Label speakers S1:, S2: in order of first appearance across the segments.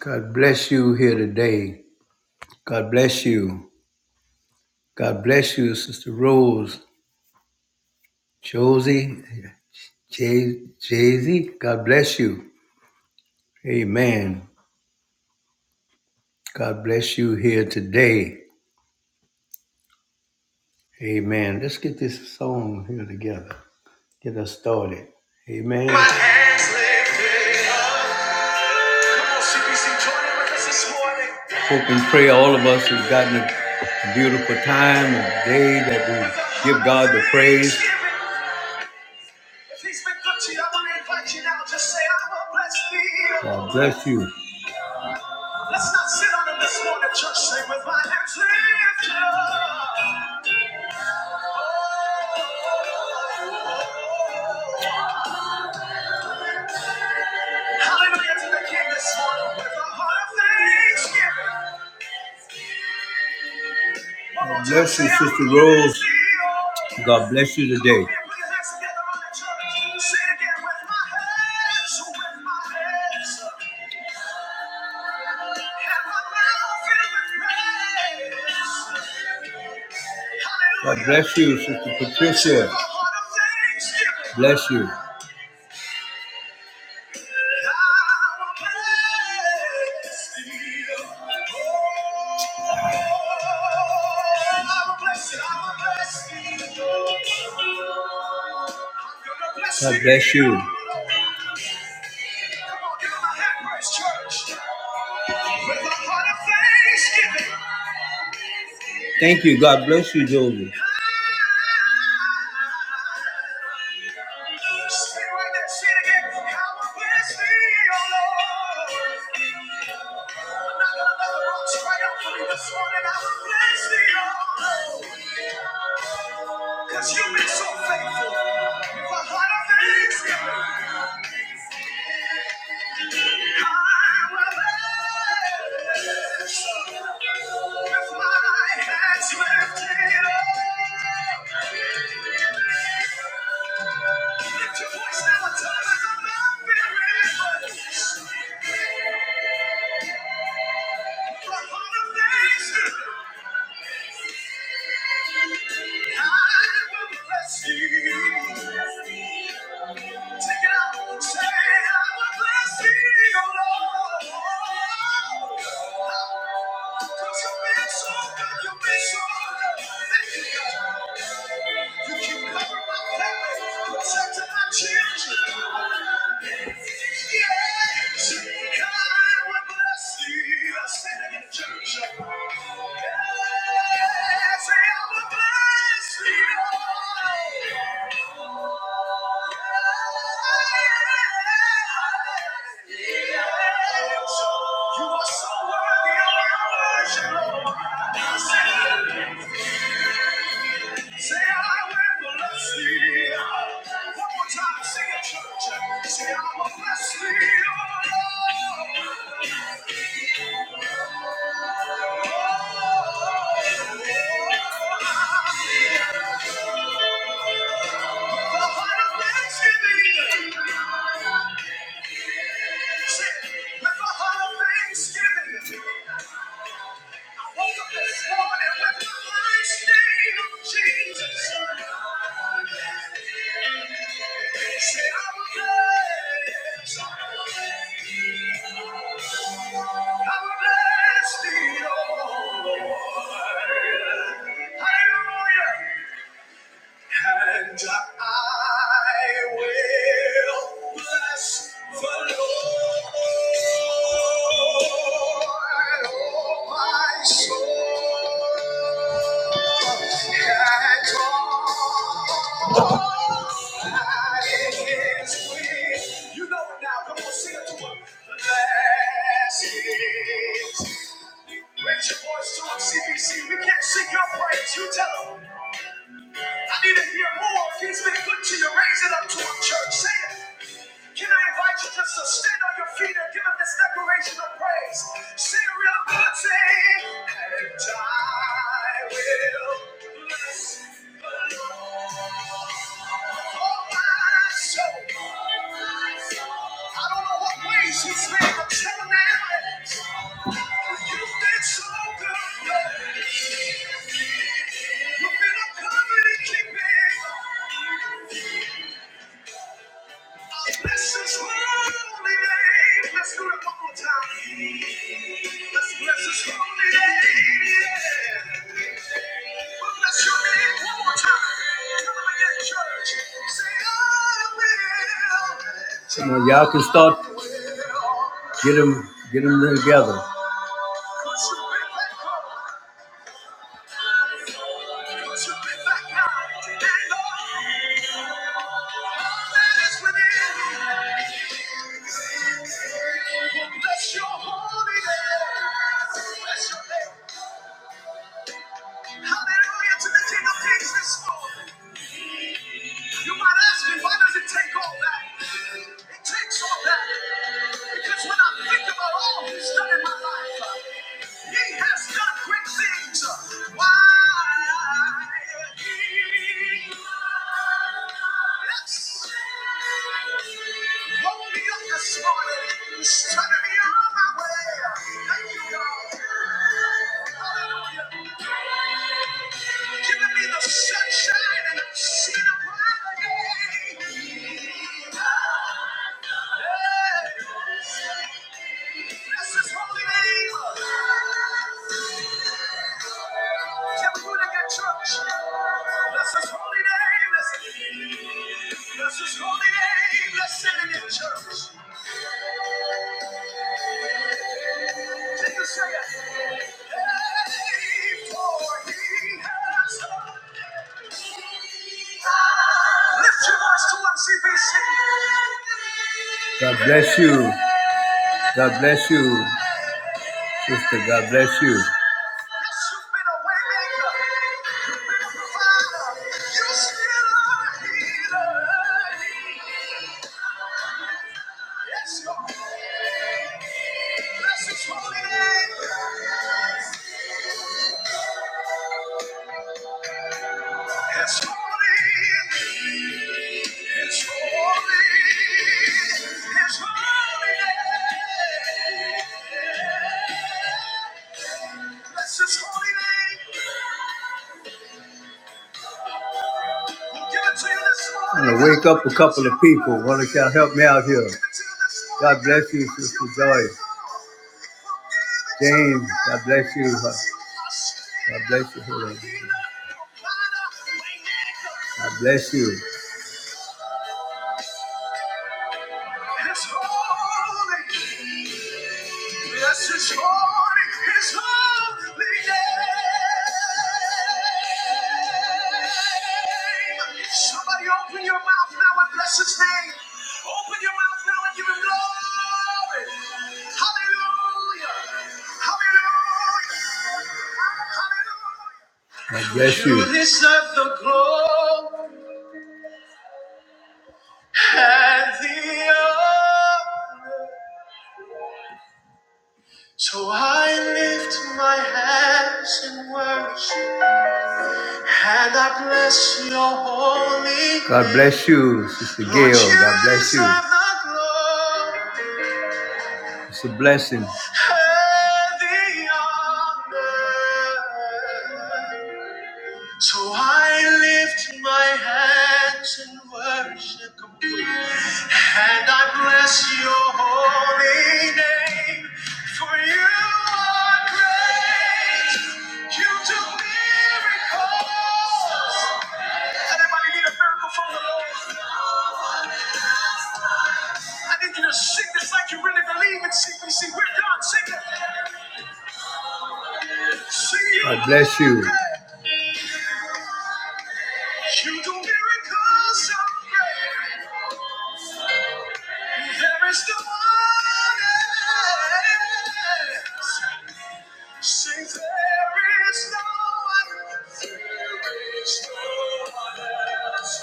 S1: God bless you here today. God bless you. God bless you, Sister Rose, Josie, Jay Z. God bless you. Amen. God bless you here today. Amen. Let's get this song here together. Get us started. Amen. My hands lifted up. Come on, CBC, join in with us this morning. Hope and pray all of us have gotten a a beautiful time, a day that we give God the praise. If he's been good to you, I want to invite you now. Just say, I will bless thee. God bless you. Let's not sit on him this morning, church. Say, with my hands lifted up. Hallelujah to the King this morning with a heart of thanksgiving. God bless you, Sister Rose. God bless you today. God bless you, Sister Patricia. Bless you. God bless you. With a heart of thanksgiving. Thank you. God bless you, Jovi. Cause you've been so faithful. With a heart of thanksgiving. Lift your voice now and tell them I'm not very much. You keep covering my family, protecting my children. You are so worthy of our worship, Lord. Say I will bless thee. One more time, sing it, church. Say I will bless thee, O Lord. Hallelujah. And I will bless the Lord. Oh, my soul, and all that is within. You know it now. Come on, sing it to him. Bless it. Raise your voice to him, CBC. We can't sing your praise. You tell him. I need to hear more. If he's been good to you, raise it up to him, church. Say it. Can I invite you just to stand on your feet and give him this declaration of praise? Say a real good thing, and I will bless the Lord. Oh, my soul. I don't know what ways he's made, but tell him now. You've been so good. yeah. You've been a covenant keeping. Bless his holy name. Let's do it one more time. Let's bless his holy name. Yeah. We'll bless your name one more time. Come on again, church. Say, I will. Come on, y'all can start. Get them, get them together. Cause you've been and all, that is within me. Bless your holy name. Bless your name. Hallelujah to the King of Kings this morning. You might ask me, why does it take all that? It takes all that because when I think about all He's done in my life, He has done great things. Why? He loves Yes. Hold me up this morning. started me on my way. Thank you, God. Hallelujah. Giving me the sunshine and I've seen a brighter day. Hey, Bless His holy name. Can we do it again, church? Bless His holy name. Let's bless His holy name. Let's sing it in church. Can you say it? Hey, for He has done. Lift your voice to MCBC. God bless you. God bless you, sister. God bless you. You've been a waymaker. You've been Yes, It's holy. It's holy. It's holy Bless His holy name. I'm gonna wake up a couple of people. One of y'all help me out here. God bless you, Sister Joyce. James, God bless you. huh? God bless you. Hold God bless you. It's holy. Yes, it's holy. It's holy. Yeah. Hey, Somebody open your mouth now and bless his name. Open your mouth now and give him glory. Hallelujah. Hallelujah. Hallelujah. God bless you. You deserve the glory and the honor. So I lift my hands in worship. And I bless your holy God bless you, Sister name. Gail. Lord, you God you bless you. deserve the glory. It's a blessing. And the honor. So I lift my hands in worship Come on. and I bless your holy name. For you are great, you do miracles. Anybody need a miracle from the Lord? I need you to sing this like you really believe in CPC. We're done. Sing it. Sing it. God bless you. You do miracles so great. There is no one else. Say there is no one. There is no one else.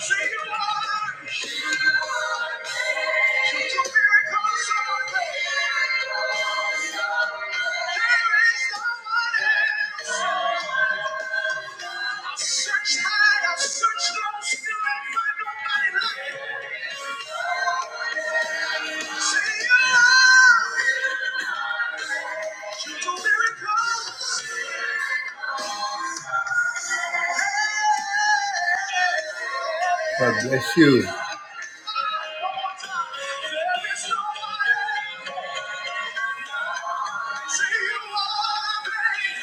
S1: Say you are. You are made. You do miracles so great. There is no one else. I've searched high, I've searched low, still ain't find nobody like you. Say your love, you do miracles. God bless you. There is nobody. Say you are great.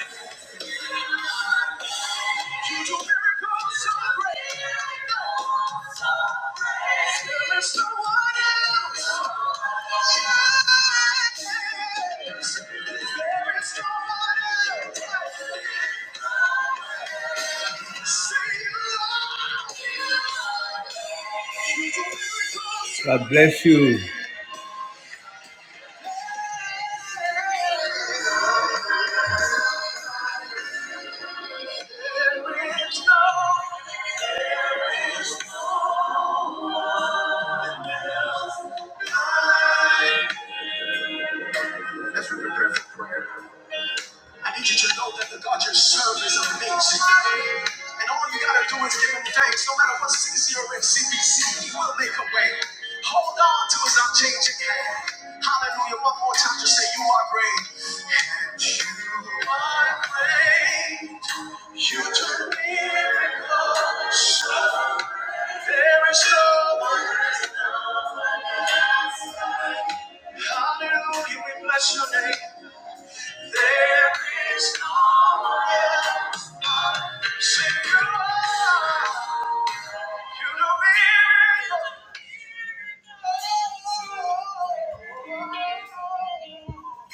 S1: You do miracles so great. God bless you. I need you to know that the God you serve is amazing. And all you gotta do is give him thanks. No matter what CC or CBC, he will make a way. Hold on to his unchanging hand. Hallelujah. One more time to say, You are great. And you are great. You do miracles. So there is no one. Hallelujah. We bless your name. There is no one else. Sing you are. You know we're in love.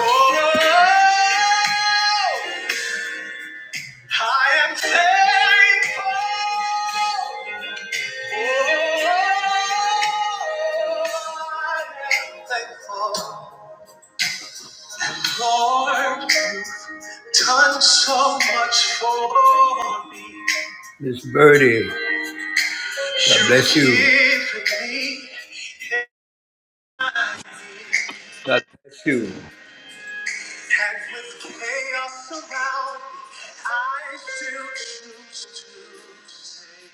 S1: Oh, I am thankful. Oh, I am thankful. Lord. you done so much for me. Miss Birdie, God bless you. You've given me God bless you. And with chaos around me, I still choose to say,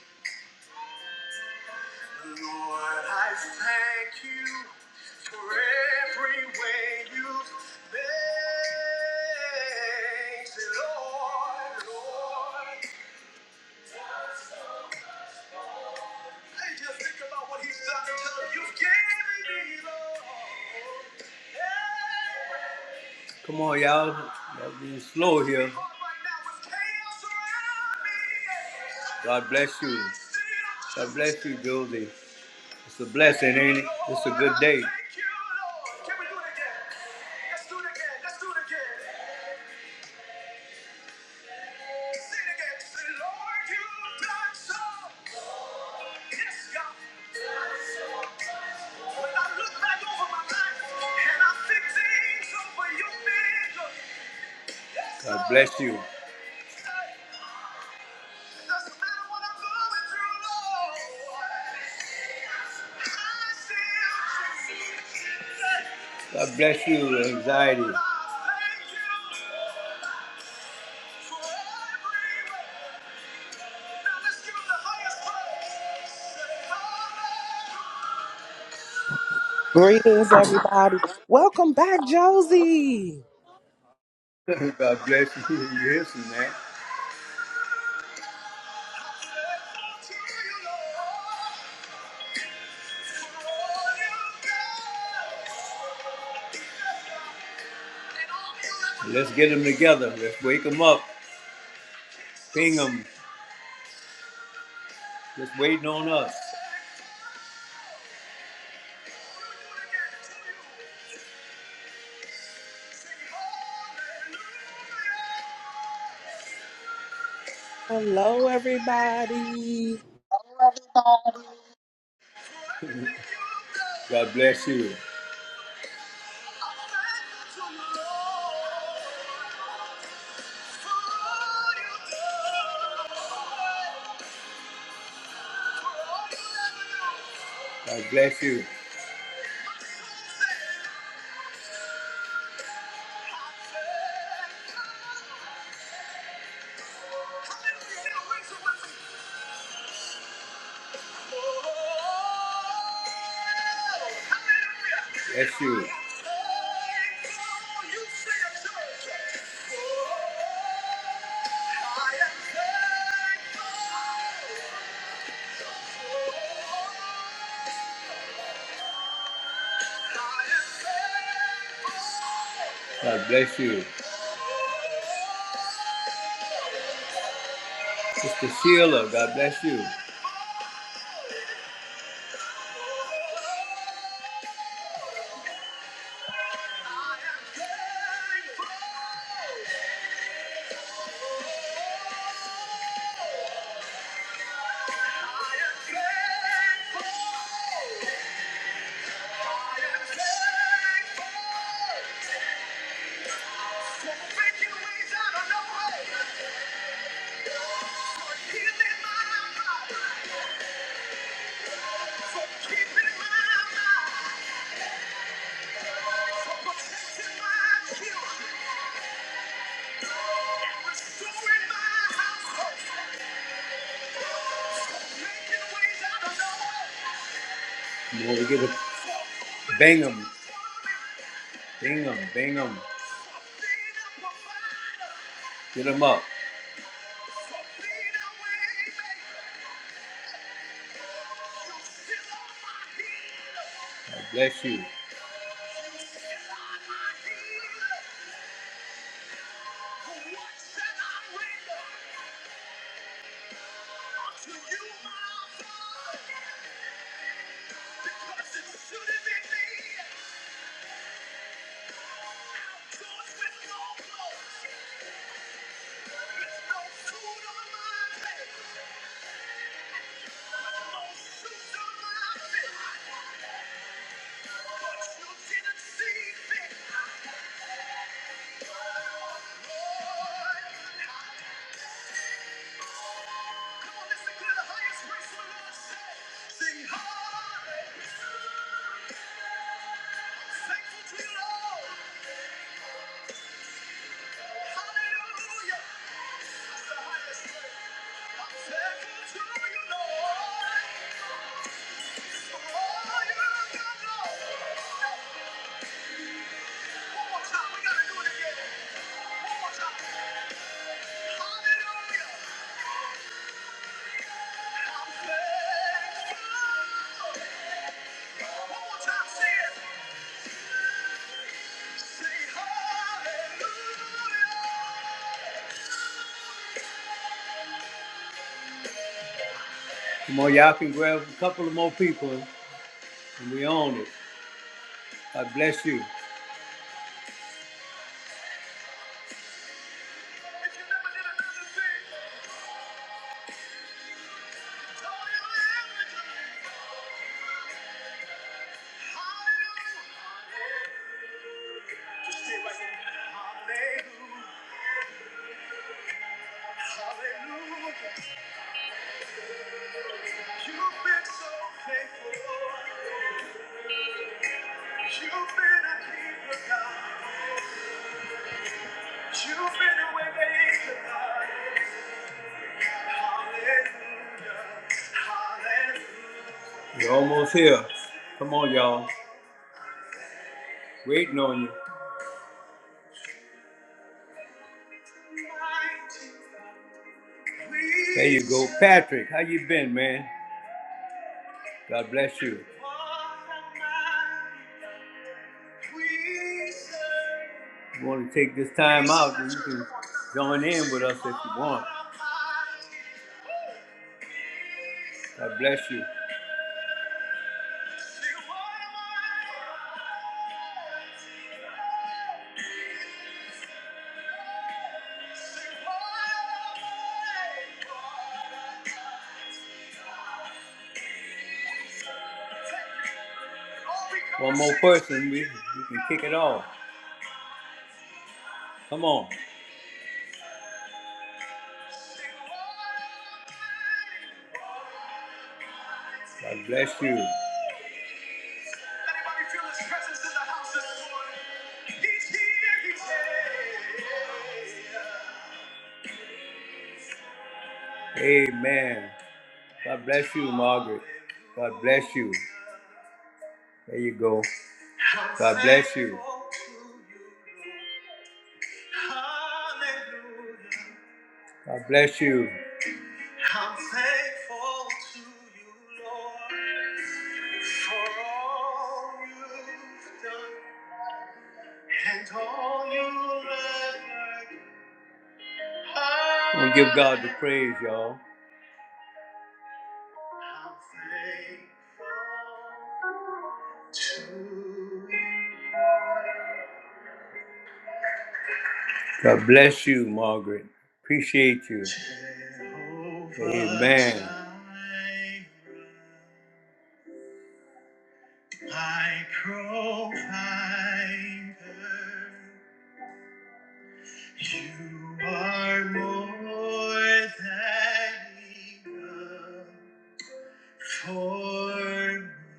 S1: Lord, I thank you for every way you've made. Lord, Lord. Hey! Come on, y'all. Y'all being slow here. God bless you. God bless you, Josie. It's a blessing, ain't it? It's a good day. Yes, God. When I look back over my life and I see things over your vision. God bless you. Doesn't matter what I'm going through, Lord. I still see. God bless you, anxiety. Thank you for every way. Now let's give him the highest
S2: Greetings, everybody. Welcome back, Josie.
S1: praise. God bless you. You hear some, man. Let's get them together. Let's wake them up. Ping them. Just waiting on us.
S2: Hello, everybody.
S1: God bless you. God bless you. Bless you. God bless you. Sister Sheila, God bless you. Now we get a bang 'em, bang 'em, bang 'em. Get 'em up. God bless you. To you, my God, because it should have been me. Outdoors with no clothes, with no food on my table, with no shoes on my feet. But you didn't see me. Lord, come on, listen to the highest praise the Lord said. Sing hallelujah. I'm thankful to you, Lord. Come on, y'all can grab a couple of more people, and we own it. God bless you. right Hallelujah. You've been so faithful. You've been a keeper, God. You've been a way maker, God. Hallelujah. Hallelujah. You're almost here. Come on, y'all. Waiting on you. There you go. Patrick, how you been, man? God bless you. You want to take this time out, then you can join in with us if you want. God bless you. One more person, we, we can kick it off. Come on. God bless you. Amen. God bless you, Margaret. God bless you. There you go. God bless you. Hallelujah. God bless you. I'm thankful to you, Lord, for all you've done and all you'll ever do. We'll give God the praise, y'all. God bless you, Margaret. Appreciate you. Amen. My provider. You are more than enough for me.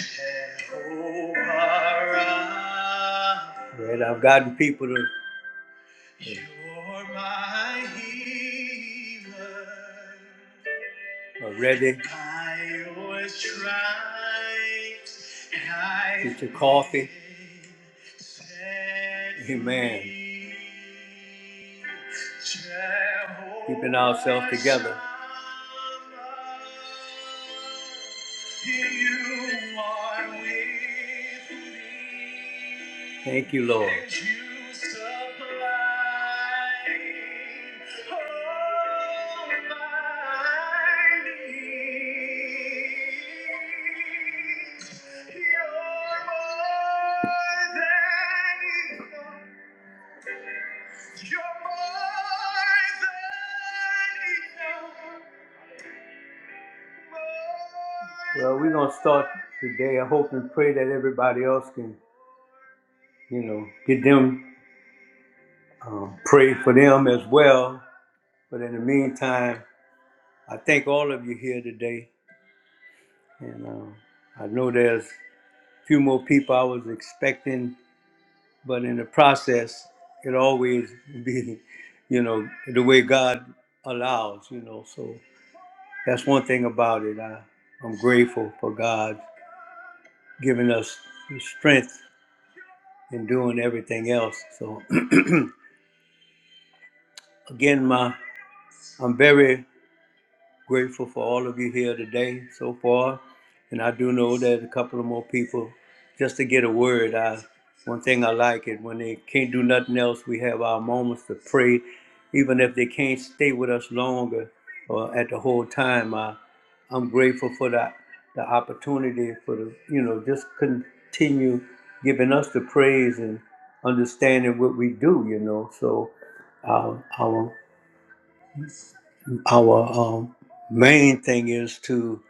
S1: Jehovah Rapha. Right, I've gotten people to. You're my healer. already. I was tried Get your coffee. Amen. Keeping ourselves together. Thank you, Lord. Well, we're gonna start today. I hope and pray that everybody else can, you know, get them um, pray for them as well. But in the meantime, I thank all of you here today, and um, I know there's a few more people I was expecting, but in the process, it always be, you know, the way God allows, you know. So that's one thing about it. I, I'm grateful for God giving us the strength and doing everything else. So again, my I'm very Grateful for all of you here today so far. And I do know that a couple of more people, just to get a word, I, one thing I like it when they can't do nothing else, we have our moments to pray. Even if they can't stay with us longer or at the whole time, I, I'm grateful for that the opportunity for the you know just continue giving us the praise and understanding what we do you know so uh, our um, main thing is to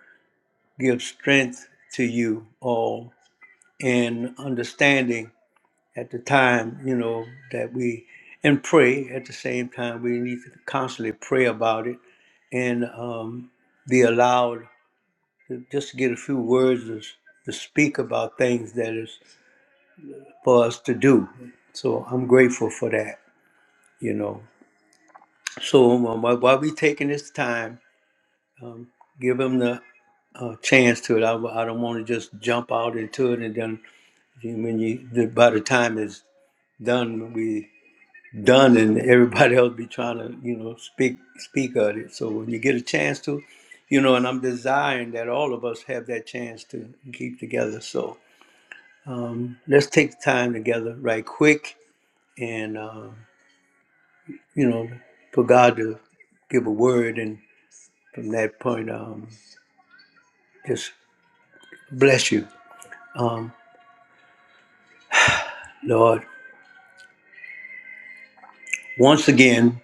S1: give strength to you all in understanding at the time, you know, that we and pray at the same time. We need to constantly pray about it and um, be allowed to just get a few words to, to speak about things that is for us to do. So I'm grateful for that, you know. So um, while while we taking this time, give them the uh, chance to it. I I w- I don't want to just jump out into it and then when you the, by the time it's done, we done and everybody else be trying to you know speak speak of it. So when you get a chance to, you know, and I'm desiring that all of us have that chance to keep together. So um, let's take time together right quick and uh, you know for God to give a word and from that point um, just bless you um, Lord. Once again,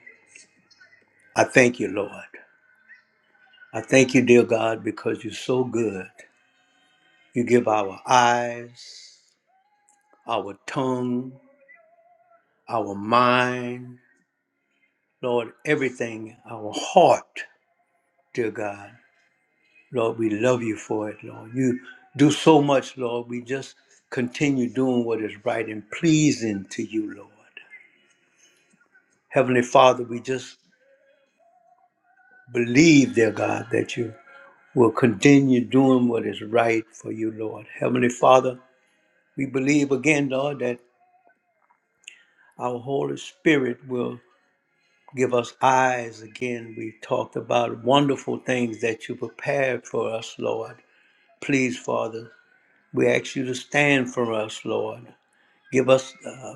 S1: I thank you, Lord. I thank you, dear God, because you're so good. You give our eyes, our tongue, our mind, Lord, everything, our heart, dear God. Lord, we love you for it, Lord. You do so much, Lord. We just continue doing what is right and pleasing to you, Lord. Heavenly Father, we just believe, dear God, that you will continue doing what is right for you, Lord. Heavenly Father, We believe again, Lord, that our Holy Spirit will give us eyes again. We talked about wonderful things that you prepared for us, Lord. Please, Father, we ask you to stand for us, Lord. Give us uh,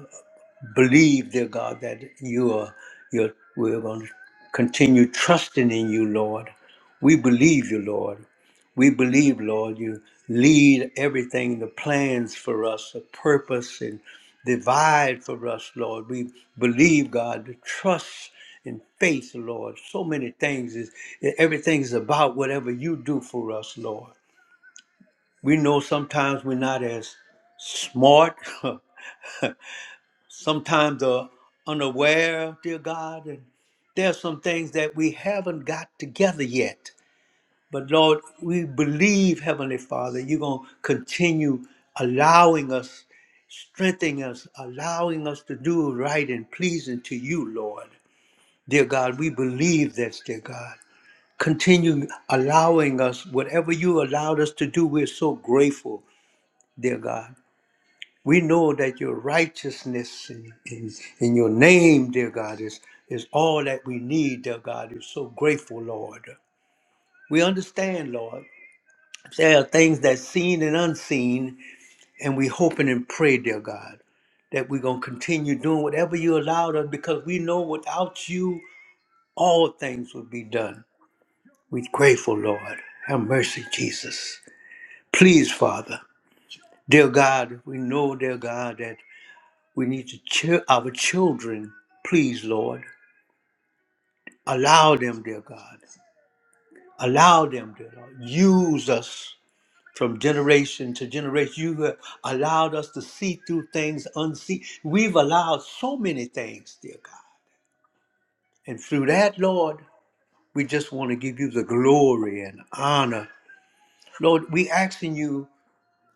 S1: believe, dear God, that you are you're, we're going to continue trusting in you, Lord. We believe you, Lord. We believe, Lord, you lead everything, the plans for us, the purpose and divide for us, Lord. We believe, God, the trust and faith, Lord. So many things is everything is about whatever you do for us, Lord. We know sometimes we're not as smart sometimes are unaware, dear God, and there are some things that we haven't got together yet. But Lord, we believe, Heavenly Father, you're going to continue allowing us, strengthening us, allowing us to do right and pleasing to you, Lord. Dear God, we believe this, dear God. Continue allowing us whatever you allowed us to do. We're so grateful, dear God. We know that your righteousness in, in, in your name, dear God, is, is all that we need, dear God. We're so grateful, Lord. We understand, Lord. There are things that's seen and unseen, and we hoping and pray, dear God, that we're going to continue doing whatever you allowed us because we know without you, all things would be done. We're grateful, Lord. Have mercy, Jesus. Please, Father. Dear God, we know, dear God, that We need to cheer our children, please, Lord. Allow them, dear God. Allow them, dear Lord. Use us from generation to generation. You have allowed us to see through things unseen. We've allowed so many things, dear God. And through that, Lord, we just want to give you the glory and honor. Lord, we asking you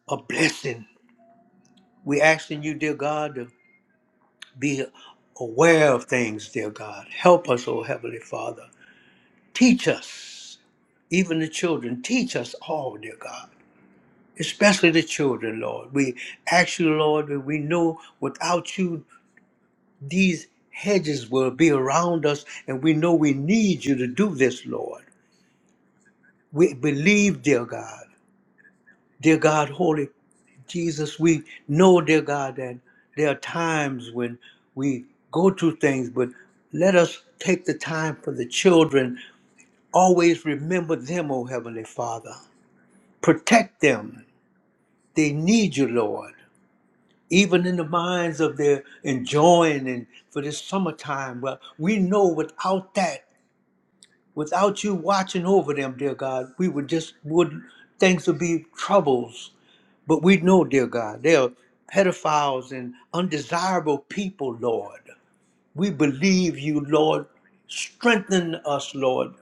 S1: a blessing. We asking you, dear God, to be aware of things, dear God. Help us, oh Heavenly Father. Teach us. even the children. Teach us all, dear God, especially the children, Lord. We ask you, Lord, that we know without you, these hedges will be around us, and we know we need you to do this, Lord. We believe, dear God, dear God, Holy Jesus, we know, dear God, that there are times when we go through things, but let us take the time for the children. Always remember them, O Heavenly Father. Protect them They need you, Lord, even in the minds of their enjoying and for this summertime. Well, we know without that, without you watching over them, dear God, we would just would things would be troubles. But we know, dear God, they are pedophiles and undesirable people, Lord. We believe you, Lord. Strengthen us, Lord.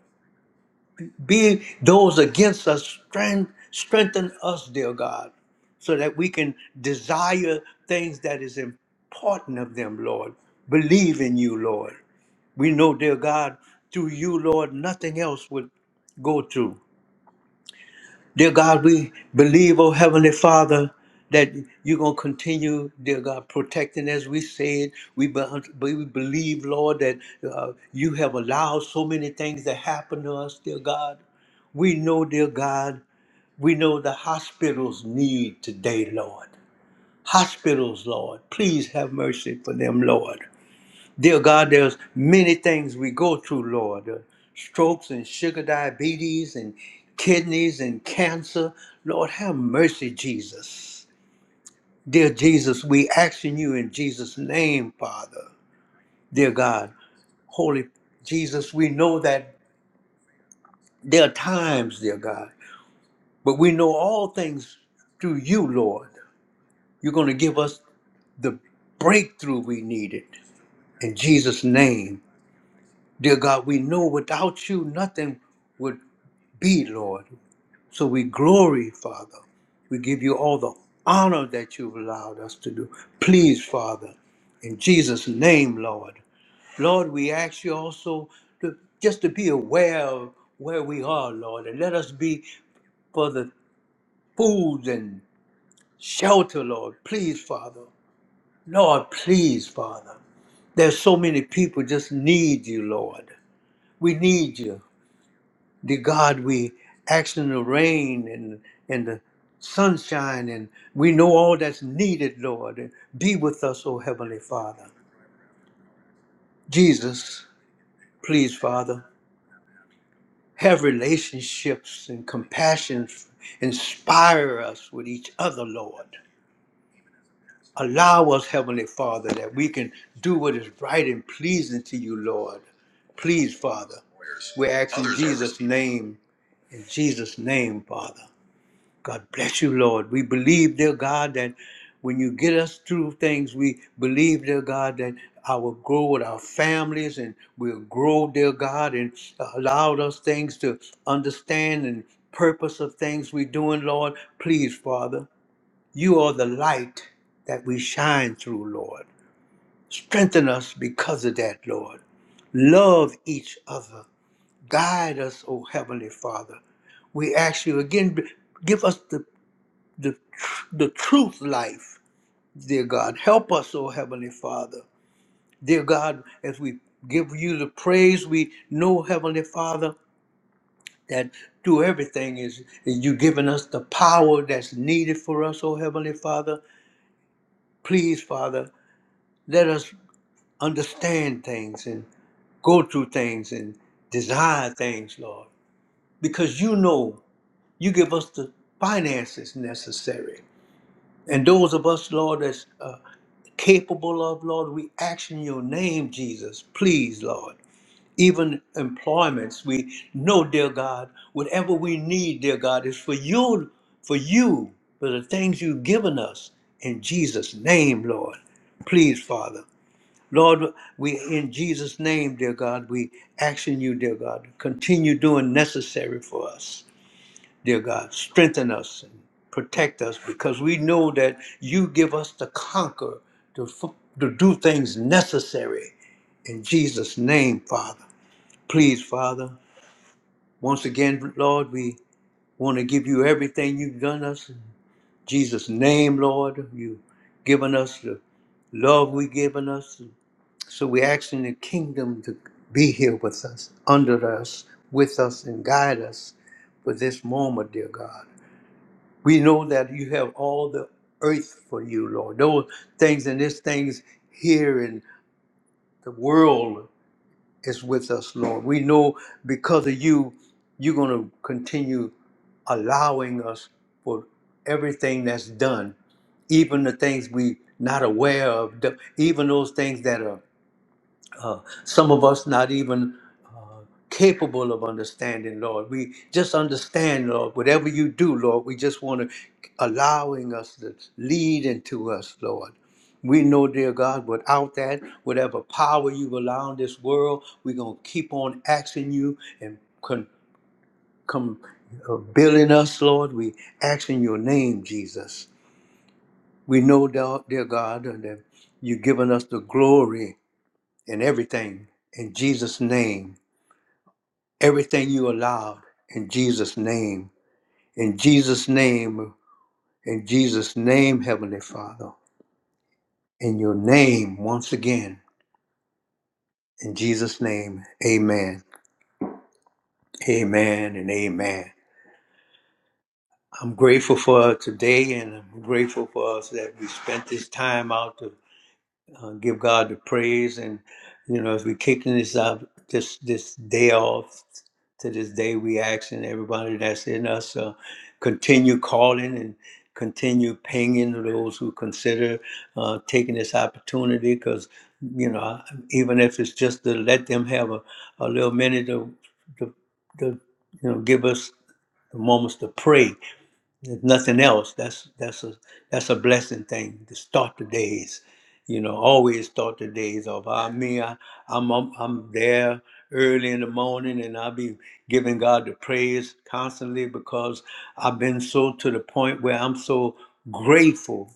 S1: Be those against us, strength, strengthen us, dear God, so that we can desire things that is important of them, Lord. Believe in you, Lord. We know, dear God, through you, Lord, nothing else would go through. Dear God, we believe, oh Heavenly Father, that you're going to continue, dear God, protecting as we said. We, be- we believe, Lord, that uh, you have allowed so many things to happen to us, dear God. We know, dear God, we know the hospitals need today, Lord. Hospitals, Lord, please have mercy for them, Lord. Dear God, there's many things we go through, Lord. The strokes and sugar diabetes and kidneys and cancer. Lord, have mercy, Jesus. Dear Jesus, we asking you in Jesus' name, Father. Dear God, Holy Jesus, we know that there are times, dear God, but we know all things through you, Lord. You're going to give us the breakthrough we needed. In Jesus' name, Dear God, we know without you nothing would be, Lord. So we glory, Father. We give you all the honor that you've allowed us to do. Please, Father, in Jesus' name, Lord. Lord, we ask you also to just to be aware of where we are, Lord, and let us be for the food and shelter, Lord. Please, Father. Lord, please, Father. There's so many people just need you, Lord. We need you. the God we ask in the rain and and the sunshine, and we know all that's needed, Lord. Be with us, O Heavenly Father. Jesus, please, Father, have relationships and compassion. Inspire us with each other, Lord. Allow us, Heavenly Father, that we can do what is right and pleasing to you, Lord. Please, Father, we ask in Jesus' name, in Jesus' name, Father. God bless you, Lord. We believe, dear God, that when you get us through things, we believe, dear God, that I will grow with our families and we'll grow, dear God, and allow us things to understand and purpose of things we're doing, Lord. Please, Father, you are the light that we shine through, Lord. Strengthen us because of that, Lord. Love each other. Guide us, O Heavenly Father. We ask you again, b- give us the the, the truth life, dear God. Help us, O Heavenly Father. Dear God, as we give you the praise, we know, Heavenly Father, that through everything is you giving us the power that's needed for us, O Heavenly Father. Please, Father, let us understand things and go through things and desire things, Lord, because you know you give us the finances necessary. And those of us, Lord, that's uh, capable of, Lord. We ask in your name, Jesus, please, Lord. Even employments, we know, dear God, whatever we need, dear God, is for you, for you, for the things you've given us. In Jesus' name, Lord. Please, Father. Lord, we in Jesus' name, dear God, we ask in you, dear God, continue doing necessary for us. Dear God, strengthen us and protect us because we know that you give us the conquer to, f- to do things necessary. In Jesus' name, Father. Please, Father. Once again, Lord, we want to give you everything you've done us. In Jesus' name, Lord, you've given us the love we've given us. So we ask in the kingdom to be here with us, under us, with us, and guide us for this moment, dear God. We know that you have all the earth for you, Lord. Those things and these things here in the world is with us, Lord. We know because of you, you're going to continue allowing us for everything that's done, even the things we not aware of, the- even those things that are uh, some of us not even uh, capable of understanding, Lord. We just understand, Lord, whatever you do, Lord, we just want to allowing us to lead into us, Lord. We know, dear God, without that, whatever power you allow in this world, we're going to keep on asking you and con- come uh, building us, Lord. We ask in your name, Jesus. We know, thou- dear God, that you've given us the glory in everything in Jesus' name. Everything you allowed in Jesus' name. In Jesus' name. In Jesus' name, Heavenly Father. In your name, once again. In Jesus' name, amen. Amen and amen. I'm grateful for today and I'm grateful for us that we spent this time out to uh, give God the praise. And you know, as we kicking this out this this day off to this day, we asking everybody that's in us uh, continue calling and continue pinging those who consider uh, taking this opportunity because you know I- even if it's just to let them have a, a little minute to, to, to you know give us the moments to pray if nothing else, that's that's a that's a blessing thing to start the days. You know, always start the days off. I mean, I, I'm, I'm I'm there early in the morning, and I'll be giving God the praise constantly because I've been so to the point where I'm so grateful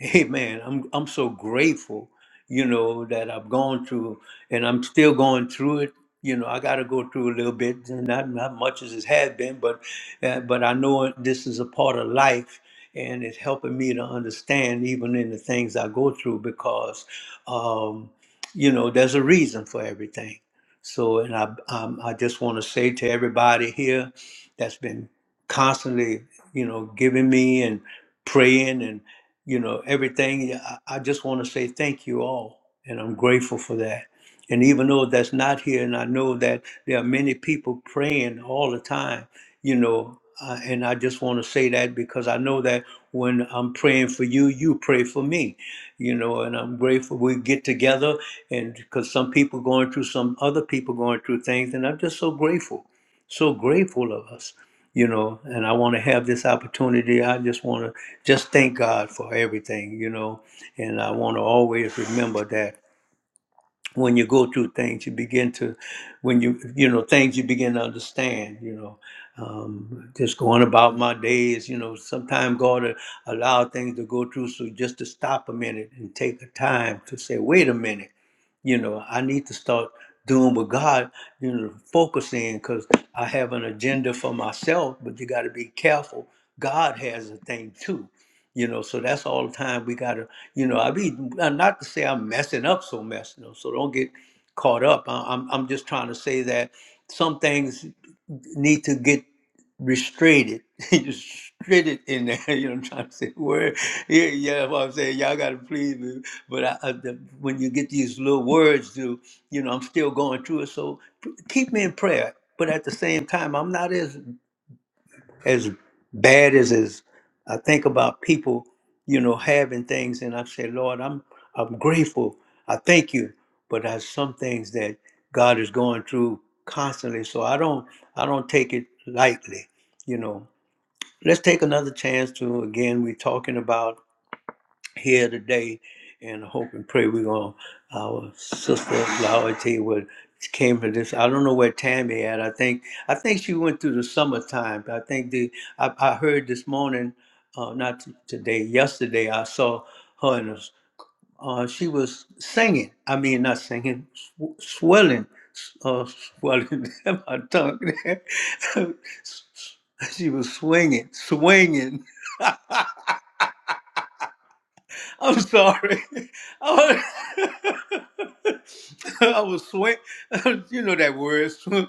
S1: Hey man, I'm I'm so grateful, you know, that I've gone through and I'm still going through it. You know, I got to go through a little bit, and not not much as it had been, but uh, but I know it- this is a part of life, and it's helping me to understand even in the things I go through because, um, you know, there's a reason for everything. So, and I um, I just want to say to everybody here that's been constantly, you know, giving me and praying you know everything yeah, i, I just want to say thank you all and i'm grateful for that and even though that's not here and i know that there are many people praying all the time you know uh, and i just want to say that because i know that when i'm praying for you you pray for me you know and i'm grateful we get together and because some people going through some other people going through things and i'm just so grateful so grateful of us you know and i want to have this opportunity i just want to just thank God for everything, you know. And I want to always remember that when you go through things, you begin to, when you, you know, things you begin to understand, you know. Um, just going about my days, you know, sometimes God will allow things to go through. So just to stop a minute and take the time to say, wait a minute, you know, I need to start doing what God, you know, focusing because I have an agenda for myself, but you got to be careful. God has a thing too you know, so that's all the time we gotta, you know, I mean, not to say I'm messing up so mess, you know, so don't get caught up. I, I'm, I'm just trying to say that some things need to get restrained, restrained in there. You know, what I'm trying to say word. Yeah, yeah, that's what I'm saying. Y'all gotta please me. But I, I, the, when you get these little words, to you know, I'm still going through it. So p- keep me in prayer. But at the same time, I'm not as as bad as as I think about people, you know, having things, and I say, Lord, I'm I'm grateful. I thank you, but there's some things that God is going through constantly, so I don't I don't take it lightly. You know, let's take another chance to again. We're talking about here today and hope and pray we're going to our sister Loyalty would came to this I don't know where Tammy at I think I think she went through the summertime I think the I, I heard this morning uh not t- today yesterday I saw her in a, s- uh she was singing I mean not singing sw- swelling s- uh swelling my tongue she was swinging swinging I'm sorry. I was, I was sweat. You know that word. swe-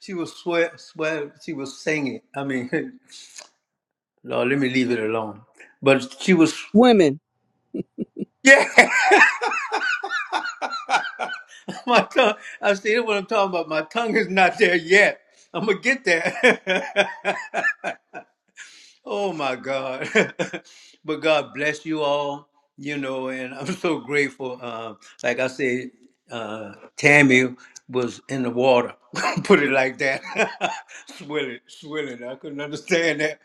S1: She was sweat, sweat. She was singing. I mean, Lord, let me leave it alone. But she was,
S3: Women,
S1: yeah. My tongue. I said, what I'm talking about. My tongue is not there yet. I'm gonna get there. Oh my God. but God bless you all, you know, and I'm so grateful. Um, like I said, uh, Tammy was in the water, put it like that, swilling, swilling. I couldn't understand that.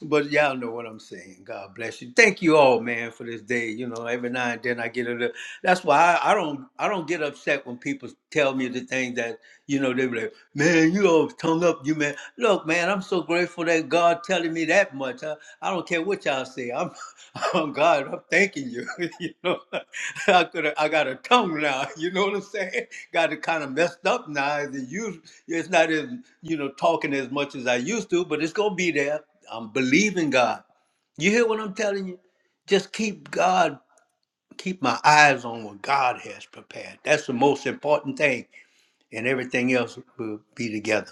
S1: But y'all know what I'm saying. God bless you. Thank you all, man, for this day. You know, every now and then I get a little. That's why I, I don't. I don't get upset when people people tell me the things that, you know, they be like, man, you always tongue up, you man. Look, man, I'm so grateful that God telling me that much. I, I don't care what y'all say. I'm, oh God, I'm thanking you. you know, I could I got a tongue now. You know what I'm saying? Got it kind of messed up now. It's, used, it's not as, you know, talking as much as I used to, but it's going to be there. I'm believing God. You hear what I'm telling you? Just keep God keep my eyes on what God has prepared. That's the most important thing, and everything else will be together.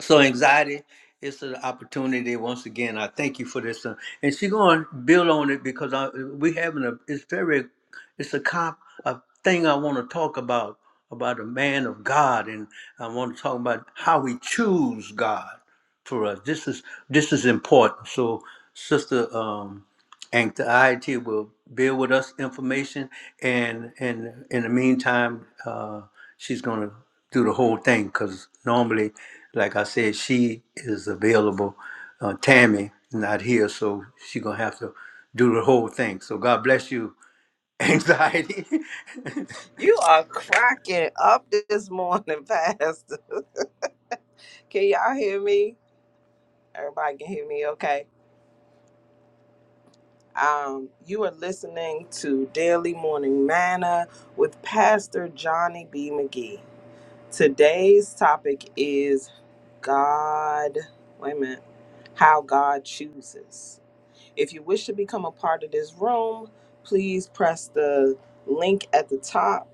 S1: So anxiety is an opportunity. Once again, I thank you for this, uh, and she's going to build on it because I, we having a. It's very, it's a comp a thing I want to talk about about a man of God, and I want to talk about how we choose God for us. This is this is important. So, Sister um, Anxiety will bear with us information, and and in the meantime, uh, she's gonna do the whole thing because normally, like I said, she is available. Uh, Tammy not here, so she's gonna have to do the whole thing. So God bless you, Anxiety.
S2: You are cracking up this morning, Pastor. Can y'all hear me? Everybody can hear me, okay? Um, you are listening to Daily Morning Manna with Pastor Johnny B. McGee. Today's topic is God. Wait a minute. How God chooses. If you wish to become a part of this room, please press the link at the top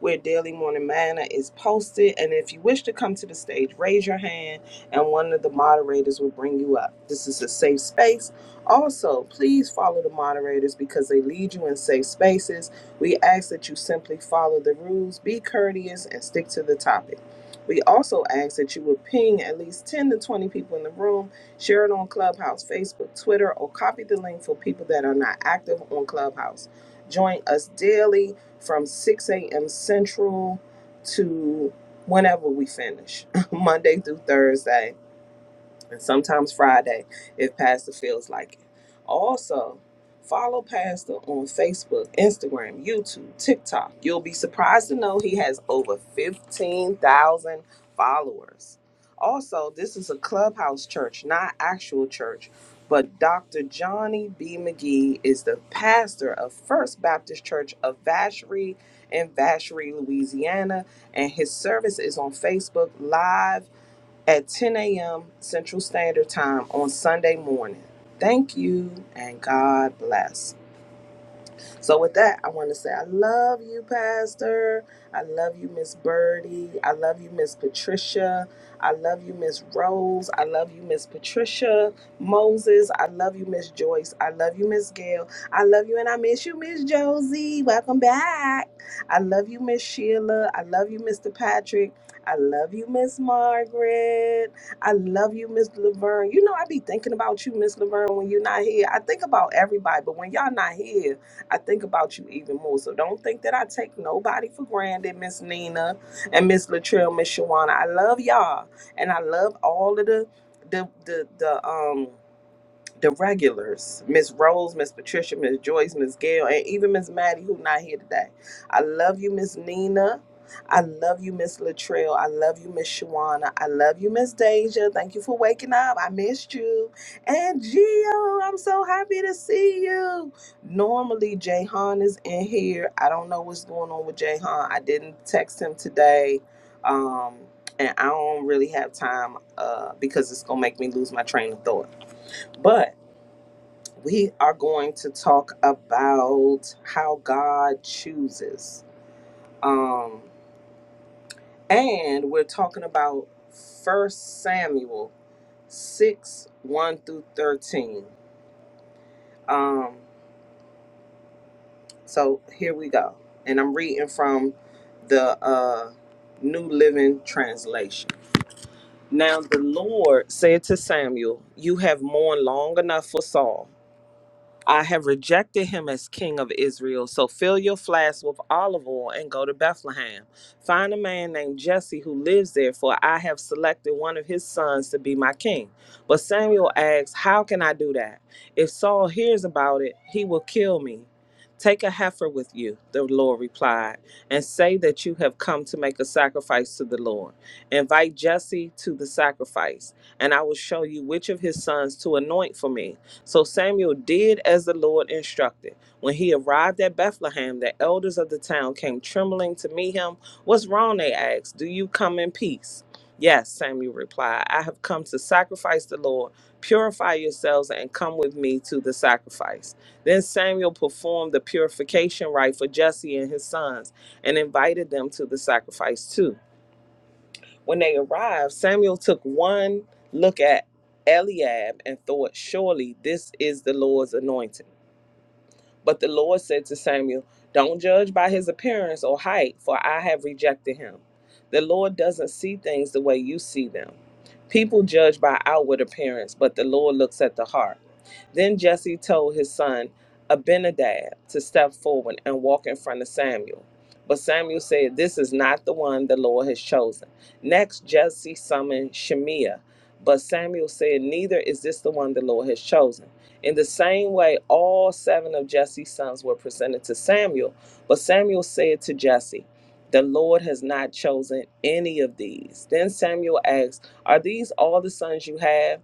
S2: where Daily Morning Manna is posted. And if you wish to come to the stage, raise your hand and one of the moderators will bring you up. This is a safe space. Also, please follow the moderators because they lead you in safe spaces. We ask that you simply follow the rules, be courteous, and stick to the topic. We also ask that you would ping at least 10 to 20 people in the room Share it on Clubhouse, Facebook, Twitter, or copy the link for people that are not active on Clubhouse. Join us daily from 6 a.m. Central to whenever we finish, Monday through Thursday and sometimes Friday if Pastor feels like it. Also, follow Pastor on Facebook, Instagram, YouTube, TikTok. You'll be surprised to know he has over 15,000 followers. Also, this is a clubhouse church, not actual church, but Dr. Johnny B. McGee is the pastor of First Baptist Church of Vacherie in Vacherie, Louisiana, and his service is on Facebook Live at 10 a.m. Central Standard Time on Sunday morning. Thank you and God bless. So with that, I want to say I love you, Pastor. I love you, Miss Birdie. I love you, Miss Patricia. I love you, Miss Rose. I love you, Miss Patricia Moses. I love you, Miss Joyce. I love you, Miss Gail. I love you, and I miss you, Miss Josie. Welcome back. I love you, Miss Sheila. I love you, Mr. Patrick. I love you, Miss Margaret. I love you, Miss Laverne. You know, I be thinking about you, Miss Laverne, when you're not here. I think about everybody, but when y'all not here, I think about you even more. So don't think that I take nobody for granted, Miss Nina and Miss Latrell, Miss Shawana. I love y'all, and I love all of the the the the um the regulars, Miss Rose, Miss Patricia, Miss Joyce, Miss Gail, and even Miss Maddie, who not here today. I love you, Miss Nina. I love you, Miss Latrell. I love you, Miss Shawana. I love you, Miss Deja. Thank you for waking up. I missed you. And Gio, I'm so happy to see you. Normally, Jayhan is in here. I don't know what's going on with Jayhan. I didn't text him today. Um, and I don't really have time uh, because it's going to make me lose my train of thought. But we are going to talk about how God chooses. Um, and we're talking about First Samuel 6 1 through 13. Um, so here we go. And I'm reading from the uh, New Living Translation. Now the Lord said to Samuel, You have mourned long enough for Saul. I have rejected him as king of Israel. So fill your flask with olive oil and go to Bethlehem. Find a man named Jesse who lives there, for I have selected one of his sons to be my king. But Samuel asks, How can I do that? If Saul hears about it, he will kill me. Take a heifer with you, the Lord replied, and say that you have come to make a sacrifice to the Lord. Invite Jesse to the sacrifice, and I will show you which of his sons to anoint for me. So Samuel did as the Lord instructed. When he arrived at Bethlehem, the elders of the town came trembling to meet him. What's wrong? They asked. Do you come in peace? Yes, Samuel replied. I have come to sacrifice the Lord. Purify yourselves and come with me to the sacrifice. Then Samuel performed the purification rite for Jesse and his sons and invited them to the sacrifice too. When they arrived, Samuel took one look at Eliab and thought, Surely this is the Lord's anointed. But the Lord said to Samuel, Don't judge by his appearance or height, for I have rejected him. The Lord doesn't see things the way you see them. People judge by outward appearance, but the Lord looks at the heart. Then Jesse told his son Abinadab to step forward and walk in front of Samuel. But Samuel said, This is not the one the Lord has chosen. Next, Jesse summoned Shemiah. But Samuel said, Neither is this the one the Lord has chosen. In the same way, all seven of Jesse's sons were presented to Samuel, but Samuel said to Jesse, The Lord has not chosen any of these. Then Samuel asked, Are these all the sons you have?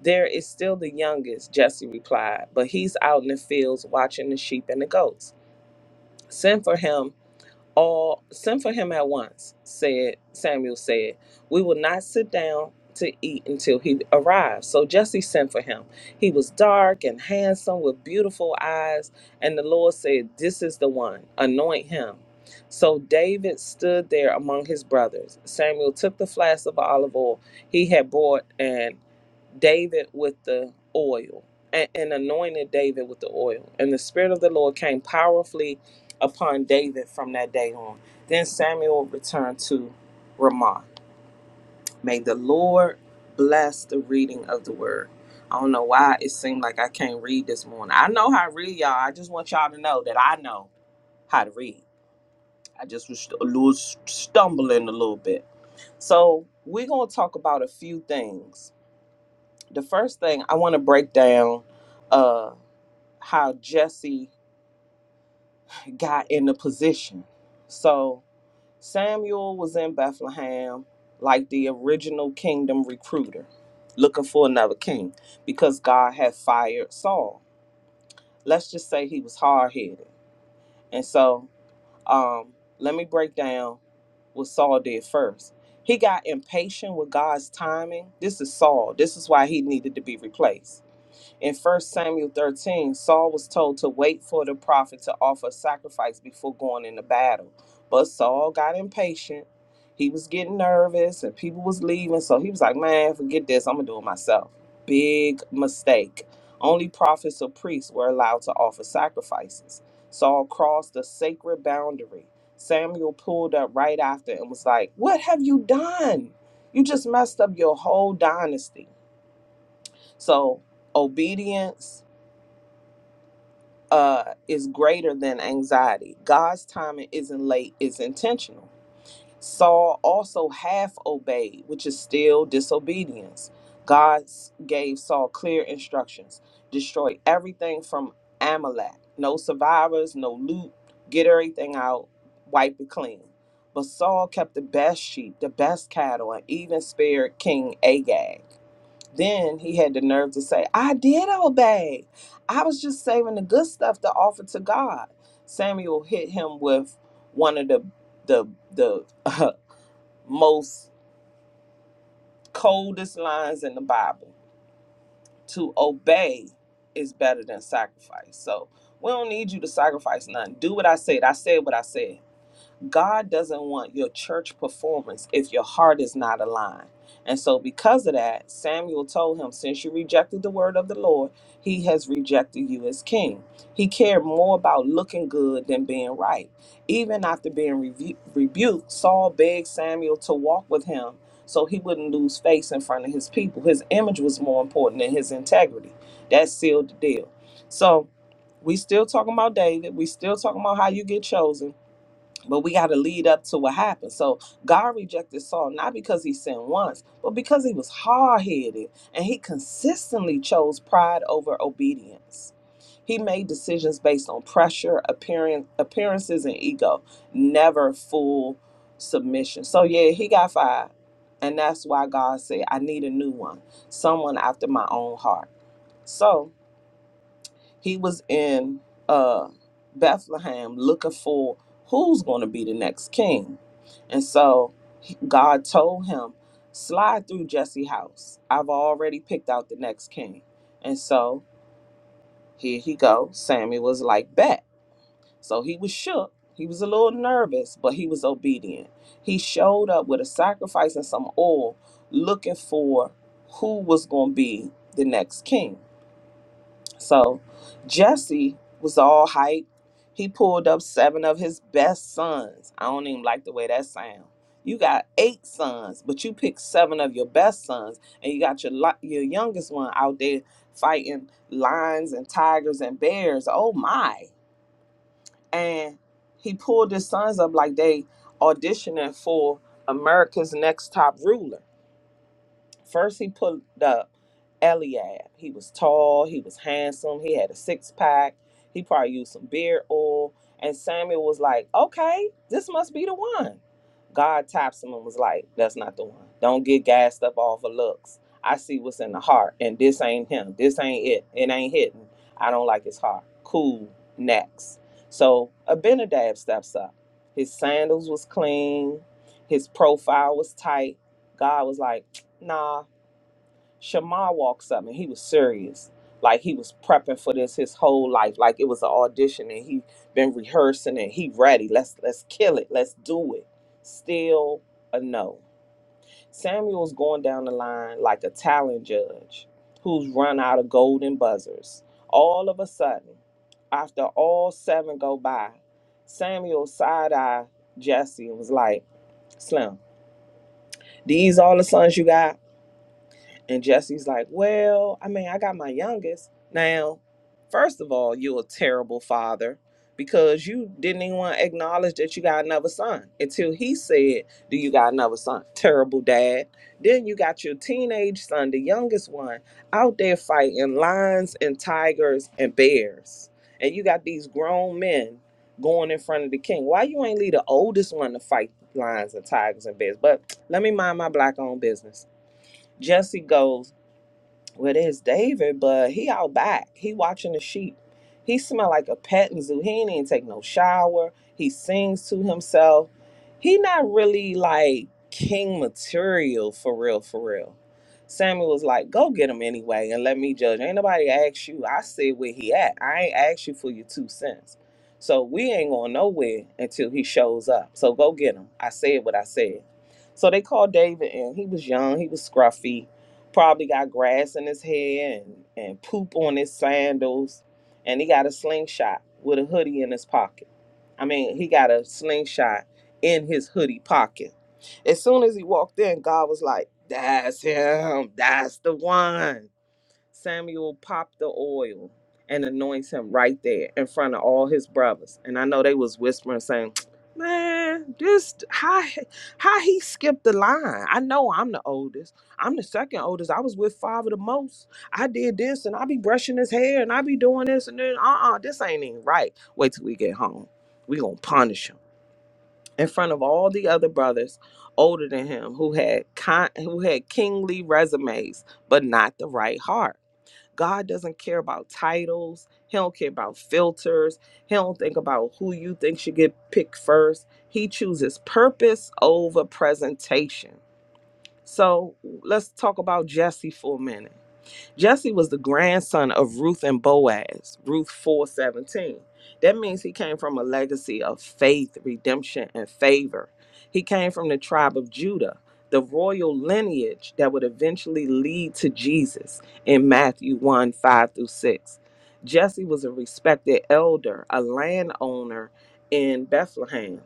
S2: There is still the youngest, Jesse replied, but he's out in the fields watching the sheep and the goats. Send for him all send for him at once, said Samuel said. We will not sit down to eat until he arrives. So Jesse sent for him. He was dark and handsome with beautiful eyes, and the Lord said, This is the one, anoint him. So David stood there among his brothers. Samuel took the flask of olive oil he had bought and David with the oil and, and anointed David with the oil. And the Spirit of the Lord came powerfully upon David from that day on. Then Samuel returned to Ramah. May the Lord bless the reading of the word. I don't know why it seemed like I can't read this morning. I know how to read, y'all. I just want y'all to know that I know how to read. I just was a little stumbling a little bit. So we're gonna talk about a few things the first thing I want to break down uh how Jesse got in the position. So Samuel was in Bethlehem like the original kingdom recruiter looking for another king because God had fired Saul. Let's just say he was hard-headed. And so um let me break down what Saul did first. He got impatient with God's timing. This is Saul. This is why he needed to be replaced In First Samuel 13, Saul was told to wait for the prophet to offer sacrifice before going into battle. But Saul got impatient. He was getting nervous and people was leaving. So he was like, man, forget this. I'm going to do it myself. Big mistake. Only prophets or priests were allowed to offer sacrifices. Saul crossed the sacred boundary. Samuel pulled up right after and was like, What have you done? You just messed up your whole dynasty. So obedience uh, is greater than anxiety. God's timing isn't late, it's intentional. Saul also half obeyed, which is still disobedience. God gave Saul clear instructions destroy everything from Amalek, no survivors, no loot, get everything out, wipe it clean. But Saul kept the best sheep, the best cattle, and even spared King Agag. Then he had the nerve to say, I did obey. I was just saving the good stuff to offer to God. Samuel hit him with one of the the the uh, most coldest lines in the Bible. To obey is better than sacrifice. So we don't need you to sacrifice nothing. Do what I said. I said what I said. God doesn't want your church performance if your heart is not aligned. And so, because of that, Samuel told him, Since you rejected the word of the Lord, he has rejected you as king. He cared more about looking good than being right. Even after being rebu- rebuked, Saul begged Samuel to walk with him so he wouldn't lose face in front of his people. His image was more important than his integrity. That sealed the deal. So, we still talking about David. We still talking about how you get chosen but we got to lead up to what happened. So God rejected Saul not because he sinned once, but because he was hard headed and he consistently chose pride over obedience. He made decisions based on pressure, appearance, appearances, and ego, never full submission. So yeah, he got fired, and that's why God said, "I need a new one, someone after my own heart." So he was in uh, Bethlehem looking for who's going to be the next king. And so he- God told him, slide through Jesse's house. I've already picked out the next king. And so here he go. Sammy was like, bet. So he was shook. He was a little nervous, but he was obedient. He showed up with a sacrifice and some oil looking for who was going to be the next king. So Jesse was all hype. He pulled up seven of his best sons. I don't even like the way that sounds. You got eight sons, but you picked seven of your best sons, and you got your li- your youngest one out there fighting lions and tigers and bears. Oh my! And he pulled his sons up like they auditioning for America's Next Top Ruler First, he pulled up Eliab. He was tall, he was handsome, he had a six pack, he probably used some beard oil. And Samuel was like, okay, this must be the one. God taps him and was like, that's not the one. Don't get gassed up off of looks. I see what's in the heart, and this ain't him. This ain't it. It ain't hitting. I don't like his heart. Cool. Next. So Abinadab steps up. His sandals was clean. His profile was tight. God was like, nah, Shamar walks up and he was serious. Like he was prepping for this his whole life. Like it was an audition and he been rehearsing and he ready. Let's let's kill it. Let's do it. Still a no. Samuel's going down the line like a talent judge who's run out of golden buzzers. All of a sudden, after all seven go by, Samuel side eye Jesse and was like, Slim, these all the sons you got? And Jesse's like, Well, I mean, I got my youngest. Now, first of all, you're a terrible father because you didn't even want to acknowledge that you got another son until he said, Do you got another son? Terrible dad. Then you got your teenage son, the youngest one, out there fighting lions and tigers and bears. And you got these grown men going in front of the king. Why you ain't leave the oldest one to fight lions and tigers and bears? But let me mind my black owned business. Jesse goes, well, there's David, but he out back. He watching the sheep. He smell like a petting zoo. He ain't even take no shower. He sings to himself. He not really like king material for real, for real. Samuel was like, go get him anyway and let me judge. Ain't nobody ask you. I said where he at. I ain't asked you for your two cents. So we ain't going nowhere until he shows up. So go get him. I said what I said. So they called David in. He was young. He was scruffy Probably got grass in his hair and, and poop on his sandals. And he got a slingshot with a hoodie in his pocket. I mean, he got a slingshot in his hoodie pocket. As soon as he walked in, God was like, That's him. That's the one. Samuel popped the oil and anoints him right there in front of all his brothers. And I know they was whispering saying, Man, this how how he skipped the line. I know I'm the oldest. I'm the second oldest. I was with father the most. I did this and I be brushing his hair and I be doing this and then uh-uh, this ain't even right. Wait till we get home. We gonna punish him. In front of all the other brothers older than him who had con- who had kingly resumes, but not the right heart. God doesn't care about titles. He don't care about filters. He don't think about who you think should get picked first. He chooses purpose over presentation. So let's talk about Jesse for a minute. Jesse was the grandson of Ruth and Boaz, Ruth 417. That means he came from a legacy of faith, redemption, and favor. He came from the tribe of Judah, the royal lineage that would eventually lead to Jesus in Matthew 1 5 through 6. Jesse was a respected elder, a landowner in Bethlehem.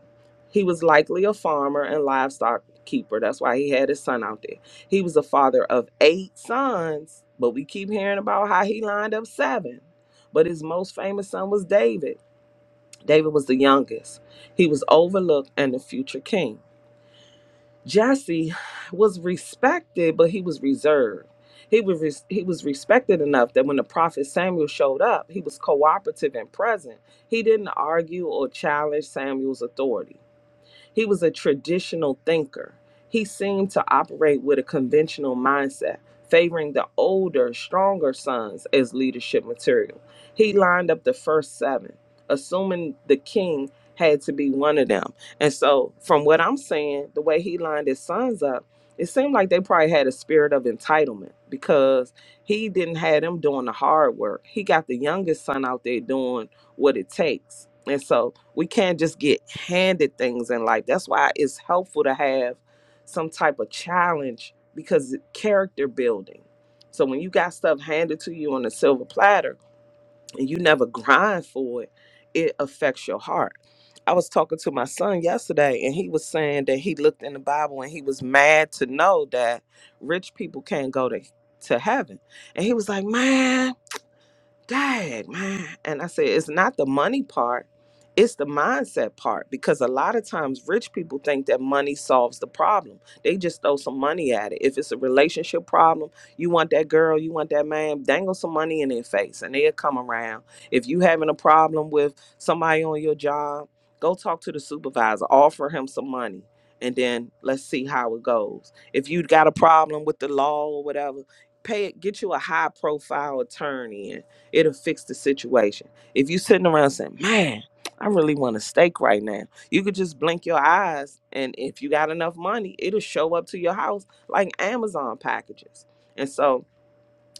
S2: He was likely a farmer and livestock keeper. That's why he had his son out there. He was a father of eight sons, but we keep hearing about how he lined up seven. But his most famous son was David. David was the youngest. He was overlooked and the future king. Jesse was respected, but he was reserved. He was res- he was respected enough that when the prophet Samuel showed up, he was cooperative and present. He didn't argue or challenge Samuel's authority. He was a traditional thinker. He seemed to operate with a conventional mindset, favoring the older, stronger sons as leadership material. He lined up the first seven, assuming the king had to be one of them. And so, from what I'm saying, the way he lined his sons up, it seemed like they probably had a spirit of entitlement because he didn't have them doing the hard work. He got the youngest son out there doing what it takes. And so, we can't just get handed things in life. That's why it's helpful to have some type of challenge because it- character building. So when you got stuff handed to you on a silver platter and you never grind for it, it affects your heart. I was talking to my son yesterday and he was saying that he looked in the Bible and he was mad to know that rich people can't go to to heaven. And he was like, "Man, Dad, man. And I said, it's not the money part, it's the mindset part. Because a lot of times rich people think that money solves the problem. They just throw some money at it. If it's a relationship problem, you want that girl, you want that man, dangle some money in their face and they'll come around. If you having a problem with somebody on your job, go talk to the supervisor, offer him some money. And then let's see how it goes. If you got a problem with the law or whatever, pay it, get you a high profile attorney it'll fix the situation. If you sitting around saying, "Man, I really want a steak right now," you could just blink your eyes, and if you got enough money, it'll show up to your house like Amazon packages. And so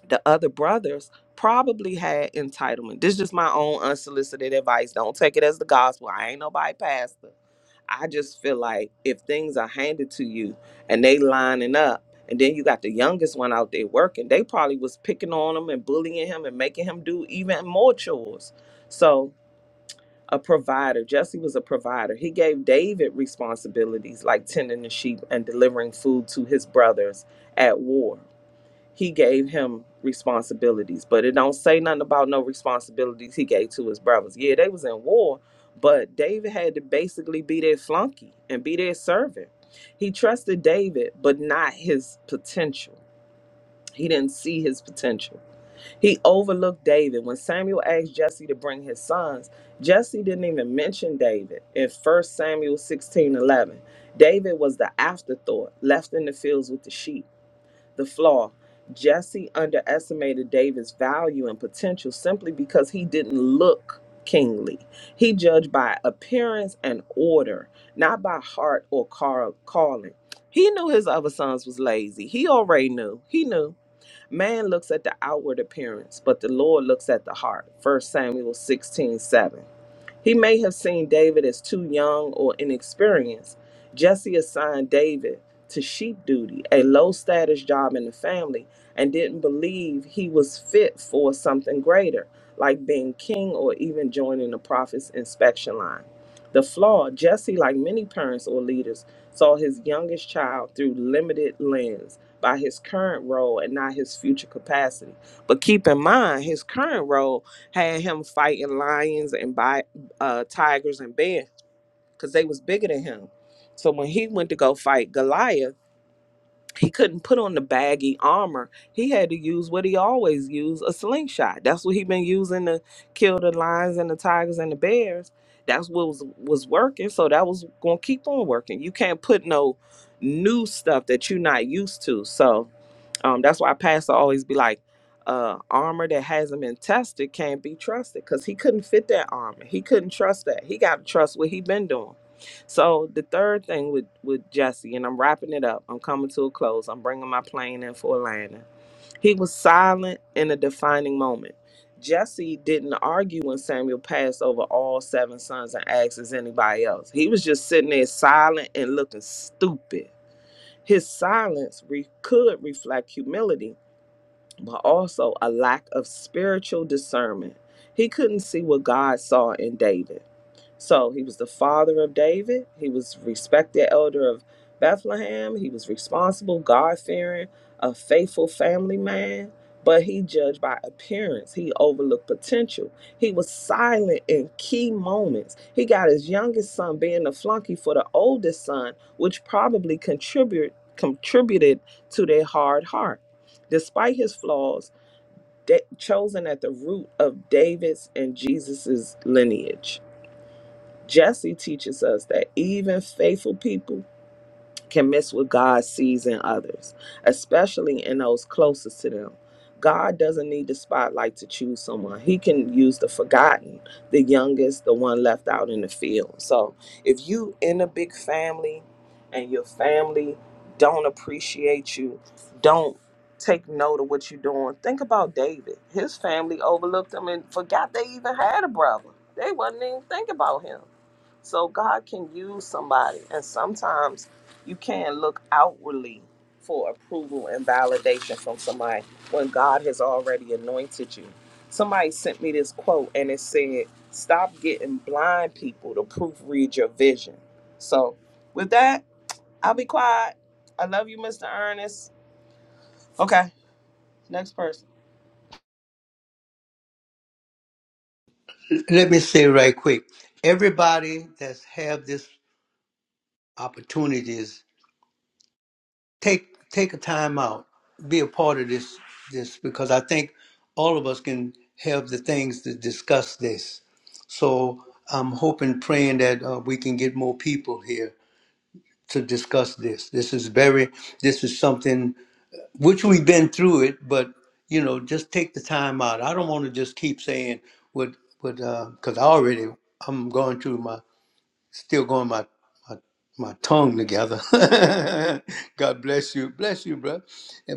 S2: the other brothers probably had entitlement. This is just my own unsolicited advice. Don't take it as the gospel. I ain't nobody pastor, I just feel like if things are handed to you and they lining up, and then you got the youngest one out there working, they probably was picking on him and bullying him and making him do even more chores. So a provider, Jesse was a provider. He gave David responsibilities like tending the sheep and delivering food to his brothers at war he gave him responsibilities, but it don't say nothing about no responsibilities he gave to his brothers. Yeah, they was in war, but David had to basically be their flunky and be their servant. He trusted David, but not his potential. He didn't see his potential. He overlooked David. When Samuel asked Jesse to bring his sons, Jesse didn't even mention David in First Samuel 16 11. David was the afterthought, left in the fields with the sheep. The flaw Jesse underestimated David's value and potential simply because he didn't look kingly. He judged by appearance and order, not by heart or car- calling. He knew his other sons was lazy. He already knew. He knew. Man looks at the outward appearance, but the Lord looks at the heart. First Samuel 16 7. He may have seen David as too young or inexperienced. Jesse assigned David to sheep duty, a low status job in the family, and didn't believe he was fit for something greater, like being king or even joining the prophet's inspection line. The flaw Jesse, like many parents or leaders, saw his youngest child through limited lens by his current role and not his future capacity. But keep in mind, his current role had him fighting lions and uh, tigers and bears because they was bigger than him. So when he went to go fight Goliath, he couldn't put on the baggy armor. He had to use what he always used, a slingshot. That's what he been using to kill the lions and the tigers and the bears. That's what was was working. So that was gonna keep on working. You can't put no new stuff that you're not used to. So um, that's why pastor always be like, uh, armor that hasn't been tested can't be trusted because he couldn't fit that armor. He couldn't trust that. He got to trust what he been doing. So the third thing with with Jesse, and I'm wrapping it up. I'm coming to a close. I'm bringing my plane in for a landing. He was silent in a defining moment. Jesse didn't argue when Samuel passed over all seven sons and asked, "Is anybody else?" He was just sitting there silent and looking stupid. His silence re- could reflect humility but also a lack of spiritual discernment. He couldn't see what God saw in David. So he was the father of David. He was respected elder of Bethlehem. He was responsible, God fearing, a faithful family man. But he judged by appearance. He overlooked potential. He was silent in key moments. He got his youngest son being the flunky for the oldest son, which probably contributed contributed to their hard heart. Despite his flaws, da- chosen at the root of David's and Jesus's lineage. Jesse teaches us that even faithful people can miss what God sees in others, especially in those closest to them. God doesn't need the spotlight to choose someone. He can use the forgotten, the youngest, the one left out in the field. So if you in a big family and your family don't appreciate you, don't take note of what you're doing. Think about David. His family overlooked him and forgot they even had a brother. They wasn't even think about him. So God can use somebody and sometimes you can't look outwardly for approval and validation from somebody when God has already anointed you. Somebody sent me this quote and it said, Stop getting blind people to proofread your vision. So, with that, I'll be quiet. I love you, Mr. Ernest. Okay, next person.
S1: Let me say right quick, everybody that's have this opportunities take take a time out, be a part of this this because I think all of us can have the things to discuss this. So I'm hoping, praying that uh, we can get more people here to discuss this. This is very this is something which we've been through it, but you know, just take the time out. I don't want to just keep saying what what because I already I'm going through my still going my my, my tongue together. God bless you, bless you, bro.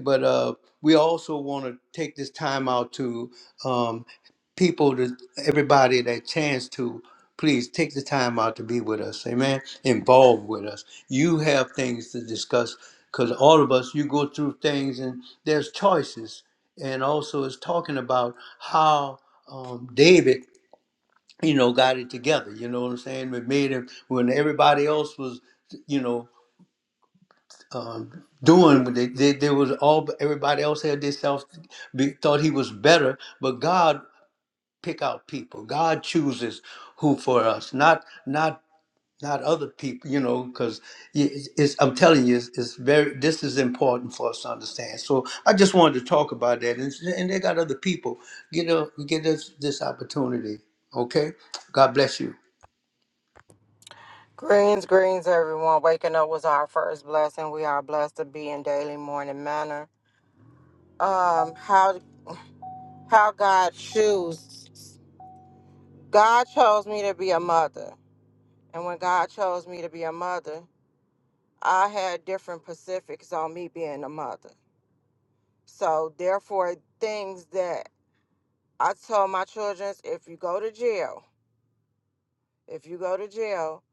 S1: But uh, we also want to take this time out to um, people, to everybody that chance to please take the time out to be with us. Amen. Involved with us. You have things to discuss because all of us, you go through things and there's choices. And also, it's talking about how um, David you know, got it together. You know what I'm saying? It made it when everybody else was, you know, um, doing what they, they they was all everybody else had themselves be, thought he was better, but God pick out people. God chooses who for us, not not not other people. You know, because it's, I'm telling you, it's, it's very this is important for us to understand. So I just wanted to talk about that, and, and they got other people. Get a, get us this opportunity. Okay, God bless you.
S4: Greens, greens, everyone. Waking up was our first blessing. We are blessed to be in daily morning manner. Um, how how God chose. God chose me to be a mother, and when God chose me to be a mother, I had different Pacifics on me being a mother. So therefore, things that I told my children: if you go to jail, if you go to jail,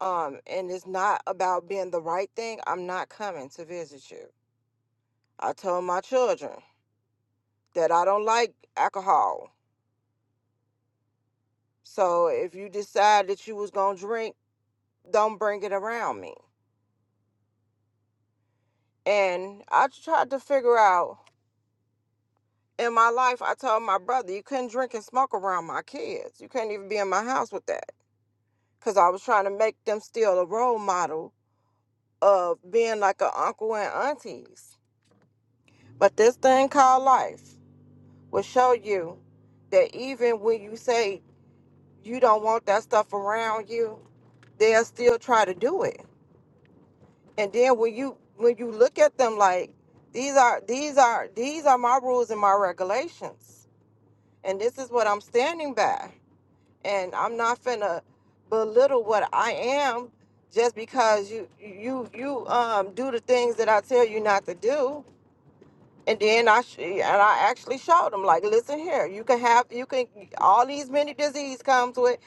S4: um, and it's not about being the right thing, I'm not coming to visit you. I told my children that I don't like alcohol. So if you decide that you was gonna drink, don't bring it around me. And I tried to figure out in my life. I told my brother you couldn't drink and smoke around my kids. You couldn't even be in my house with that because I was trying to make them still a role model of being like an uncle and aunties. But this thing called life will show you that even when you say you don't want that stuff around you, they'll still try to do it And then when you when you look at them like these are these are these are my rules and my regulations. And this is what I'm standing by. And I'm not finna belittle what I am just because you you you um do the things that I tell you not to do. And then I sh- and I actually showed them like, listen here, you can have you can all these many diseases comes with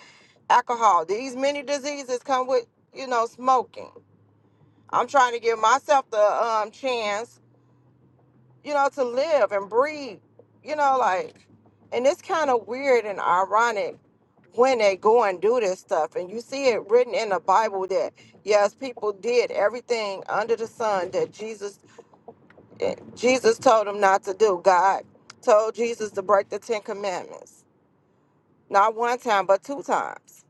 S4: alcohol. These many diseases come with you know smoking. I'm trying to give myself the um chance you know, to live and breathe, you know, like, and it's kind of weird and ironic when they go and do this stuff. And you see it written in the Bible that, yes, people did everything under the sun that Jesus, eh, Jesus told them not to do. God told Jesus to break the 10 commandments, not one time, but two times.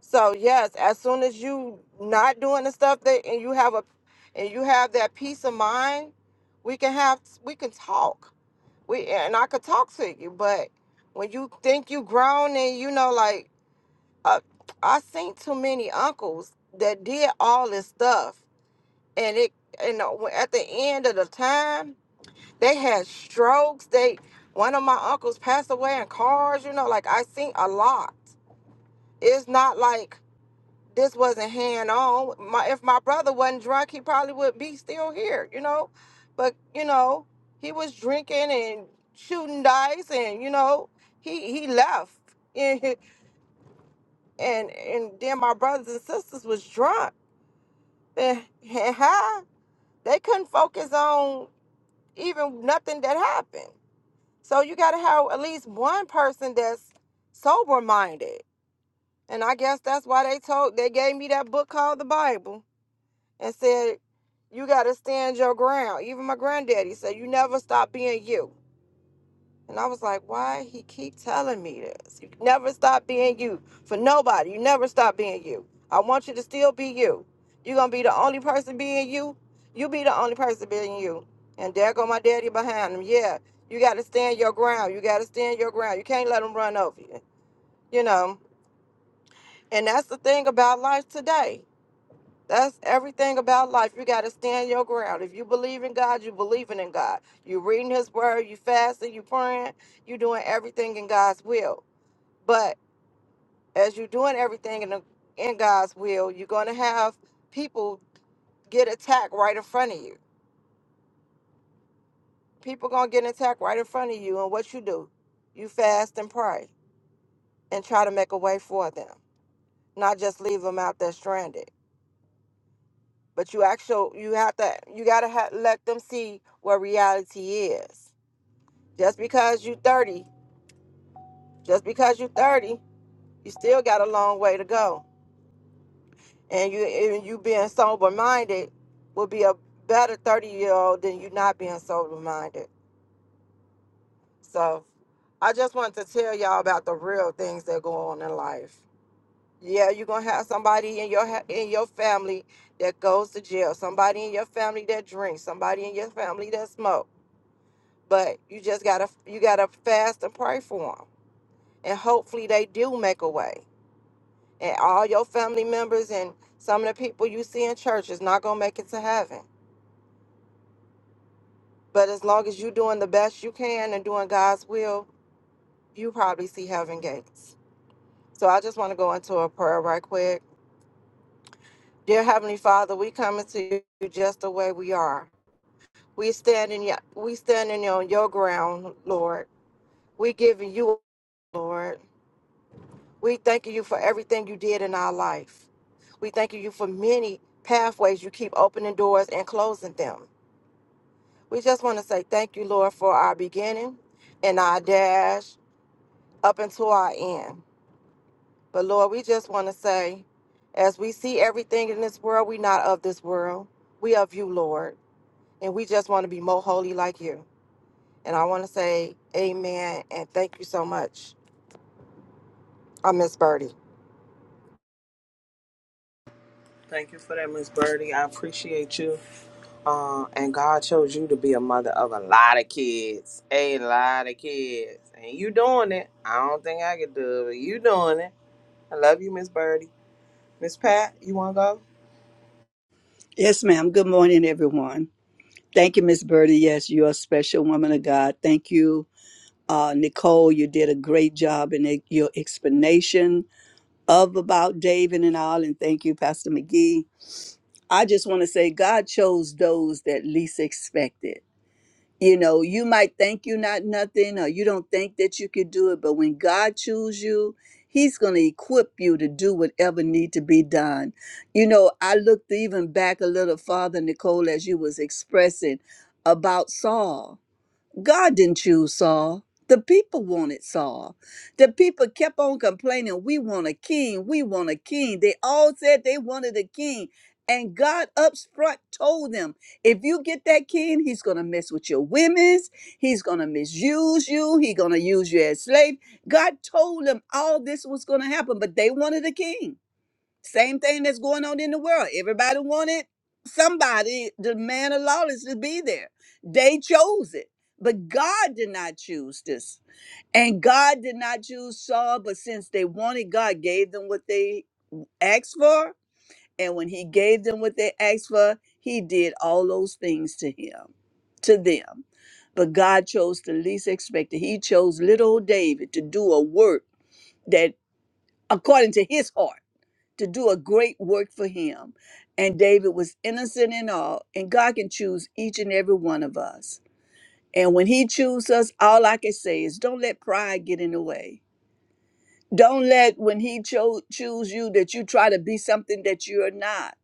S4: So yes, as soon as you not doing the stuff that, and you have a, and you have that peace of mind, we can have, we can talk we and I could talk to you, but when you think you grown and you know, like uh, I seen too many uncles that did all this stuff, and it and uh, when- at the end of the time they had strokes. They one of my uncles passed away in cars. You know, like I seen a lot. It's not like this wasn't hand on. My if my brother wasn't drunk, he probably would be still here, you know. But you know, he was drinking and shooting dice, and you know, he he left, and and, and then my brothers and sisters was drunk and, and high. They couldn't focus on even nothing that happened. So you got to have at least one person that's sober minded, and I guess that's why they told they gave me that book called the Bible and said, You got to stand your ground. Even my granddaddy said, You never stop being you. And I was like, Why he keep telling me this? You never stop being you for nobody. You never stop being you. I want you to still be you. you going to be the only person being you. You be the only person being you. And there go my daddy behind him. Yeah, you got to stand your ground. You got to stand your ground. You can't let them run over you, you know. And that's the thing about life today That's everything about life. You got to stand your ground. If you believe in God, you believing in God. You reading His Word, you fasting, you praying, you doing everything in God's will. But as you're doing everything in the, in God's will, you're gonna have people get attacked right in front of you. People gonna get attacked right in front of you, and what you do, you fast and pray and try to make a way for them, not just leave them out there stranded. But you actually you have to you gotta ha- let them see what reality is Just because you 30, just because you 30, you still got a long way to go. And you and you being sober minded will be a better 30 year old than you not being sober minded. So I just wanted to tell y'all about the real things that go on in life. Yeah, you're gonna have somebody in your ha- in your family that goes to jail, somebody in your family that drinks, somebody in your family that smoke. But you just gotta you gotta fast and pray for them, and hopefully they do make a way. and all your family members and some of the people you see in church is not gonna make it to heaven. But as long as you're doing the best you can and doing God's will, you probably see heaven gates. So I just want to go into a prayer right quick. Dear Heavenly Father, we coming to you just the way we are. We standing y- we standing on your ground, Lord. We giving you, Lord. We thanking you for everything you did in our life. We thanking you for many pathways you keep opening doors and closing them. We just want to say thank you, Lord, for our beginning and our dash up until our end. But Lord, we just want to say, as we see everything in this world, we not of this world. We of you, Lord. And we just want to be more holy like you. And I want to say amen and thank you so much. I am miss Birdie.
S2: Thank you for that, Miss Birdie. I appreciate you. Uh, and God chose you to be a mother of a lot of kids, a lot of kids, and you doing it. I don't think I could do it. But you doing it. I love you, Miss Birdie. Miss Pat, you want to go?
S3: Yes, ma'am. Good morning, everyone. Thank you, Miss Birdie. Yes, you're a special woman of God. Thank you, uh, Nicole. You did a great job in e- your explanation of about David and all. And thank you, Pastor McGee. I just want to say God chose those that least expected. you know you might think you're not nothing or you don't think that you could do it but when god chooses you he's going to equip you to do whatever need to be done you know i looked even back a little farther nicole as you was expressing about saul God didn't choose Saul. The people wanted Saul. The people kept on complaining, We want a king, we want a king. They all said they wanted a king. And God up front told them, if you get that king, he's gonna mess with your women's, he's gonna misuse you, he's gonna use you as slave. God told them all this was gonna happen, but they wanted a king. Same thing that's going on in the world. Everybody wanted somebody, the man of lawless, to be there. They chose it. But God did not choose this. And God did not choose Saul, but since they wanted, God gave them what they asked for. And when he gave them what they asked for, he did all those things to him, to them. But God chose the least expected. He chose little old David to do a work that according to his heart to do a great work for him. And David was innocent in all, and God can choose each and every one of us. And when he chooses us, all I can say is don't let pride get in the way. Don't let when he cho- choose you that you try to be something that you're not.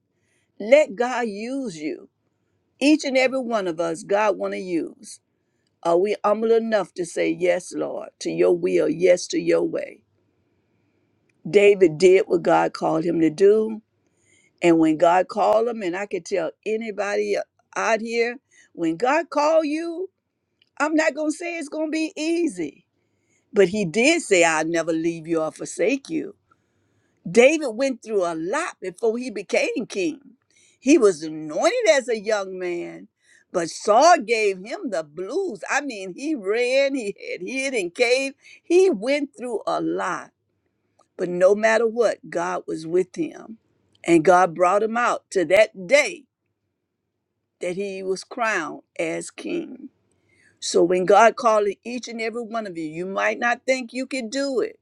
S3: Let God use you. Each and every one of us, God want to use. Are we humble enough to say yes, Lord, to your will, yes to your way? David did what God called him to do And when God called them, and I could tell anybody out here, when God called you, I'm not gonna say it's gonna be easy. But he did say, I'll never leave you or forsake you. David went through a lot before he became king. He was anointed as a young man, but Saul gave him the blues. I mean, he ran, he had hid in cave. He went through a lot. But no matter what, God was with him. And God brought him out to that day that he was crowned as king. So when God calling each and every one of you, you might not think you can do it.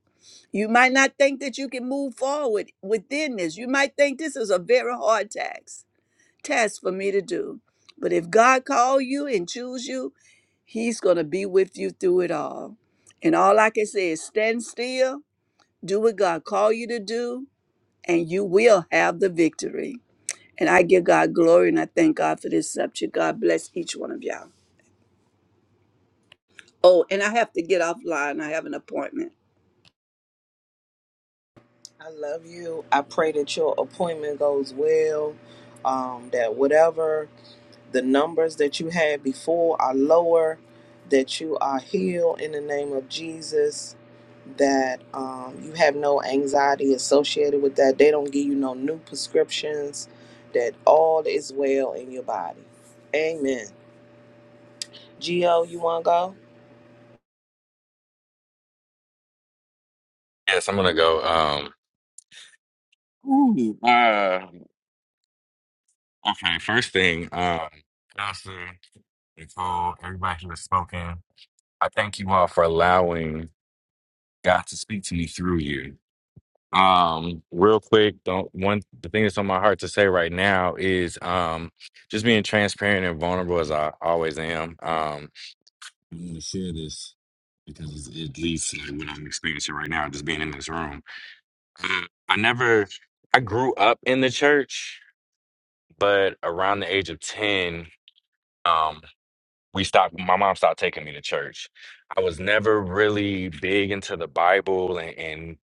S3: You might not think that you can move forward within this. You might think this is a very hard task, task for me to do. But if God call you and choose you, he's going to be with you through it all. And all I can say is stand still, do what God call you to do, and you will have the victory. And I give God glory and I thank God for this subject. God bless each one of y'all. Oh, and I have to get offline. I have an appointment.
S2: I love you. I pray that your appointment goes well. Um, that whatever the numbers that you had before are lower, that you are healed in the name of Jesus, that um, you have no anxiety associated with that. They don't give you no new prescriptions, that all is well in your body. Amen. Gio, you want to go?
S5: Yes, I'm gonna go. Um, Ooh. uh, okay. First thing, um, Pastor Nicole, everybody who has spoken, I thank you all for allowing God to speak to me through you. Um, real quick, don't one the thing that's on my heart to say right now is um, just being transparent and vulnerable as I always am. Um, I'm gonna share this because it it leads to like, what I'm experiencing right now, just being in this room. Uh, I never, I grew up in the church but around the age of 10 um we stopped my mom stopped taking me to church i was never really big into the bible and, and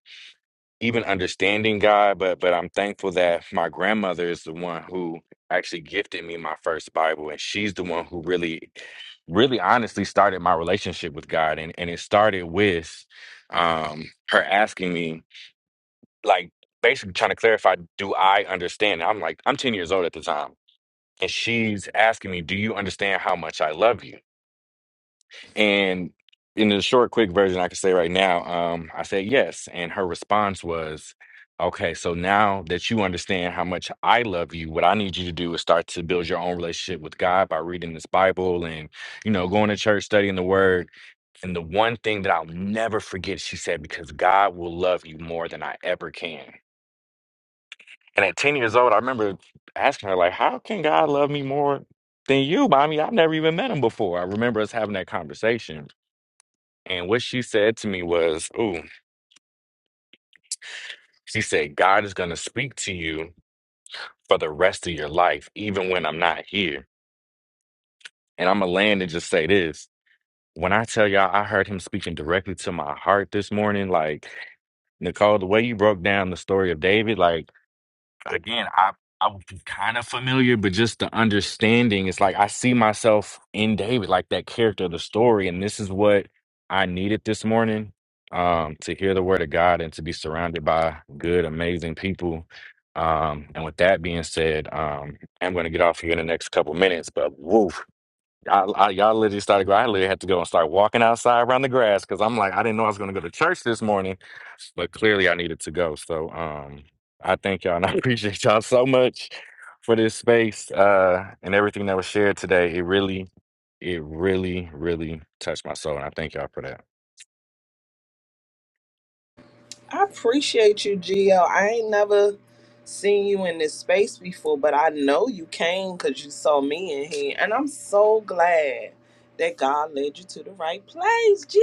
S5: even understanding god but but i'm thankful that my grandmother is the one who actually gifted me my first bible and she's the one who really really honestly started my relationship with god and and it started with um her asking me like basically trying to clarify do i understand i'm like i'm 10 years old at the time and she's asking me, "Do you understand how much I love you?" And in the short, quick version, I can say right now, um, I said yes, and her response was, "Okay, so now that you understand how much I love you, what I need you to do is start to build your own relationship with God by reading this Bible and you know going to church, studying the Word." And the one thing that I'll never forget, she said, "Because God will love you more than I ever can." And at 10 years old, I remember asking her, like, how can God love me more than you, mommy? I've never even met him before. I remember us having that conversation. And what she said to me was, Ooh, she said, God is going to speak to you for the rest of your life, even when I'm not here. And I'm going to land and just say this. When I tell y'all, I heard him speaking directly to my heart this morning, like, Nicole, the way you broke down the story of David, like, again, I I was kind of familiar, but just the understanding, it's like I see myself in David, like that character of the story, and this is what I needed this morning, um, to hear the word of God and to be surrounded by good, amazing people. Um, and with that being said, um, I'm going to get off here in the next couple minutes, but woof, I, I y'all literally started. I literally had to go and start walking outside around the grass because I'm like, I didn't know I was going to go to church this morning, but clearly I needed to go. So, um, I thank y'all and I appreciate y'all so much for this space uh, and everything that was shared today. It really, it really, really touched my soul, and I thank y'all for that.
S2: I appreciate you, Gio. I ain't never seen you in this space before, but I know you came because you saw me in here. And I'm so glad that God led you to the right place, Gio.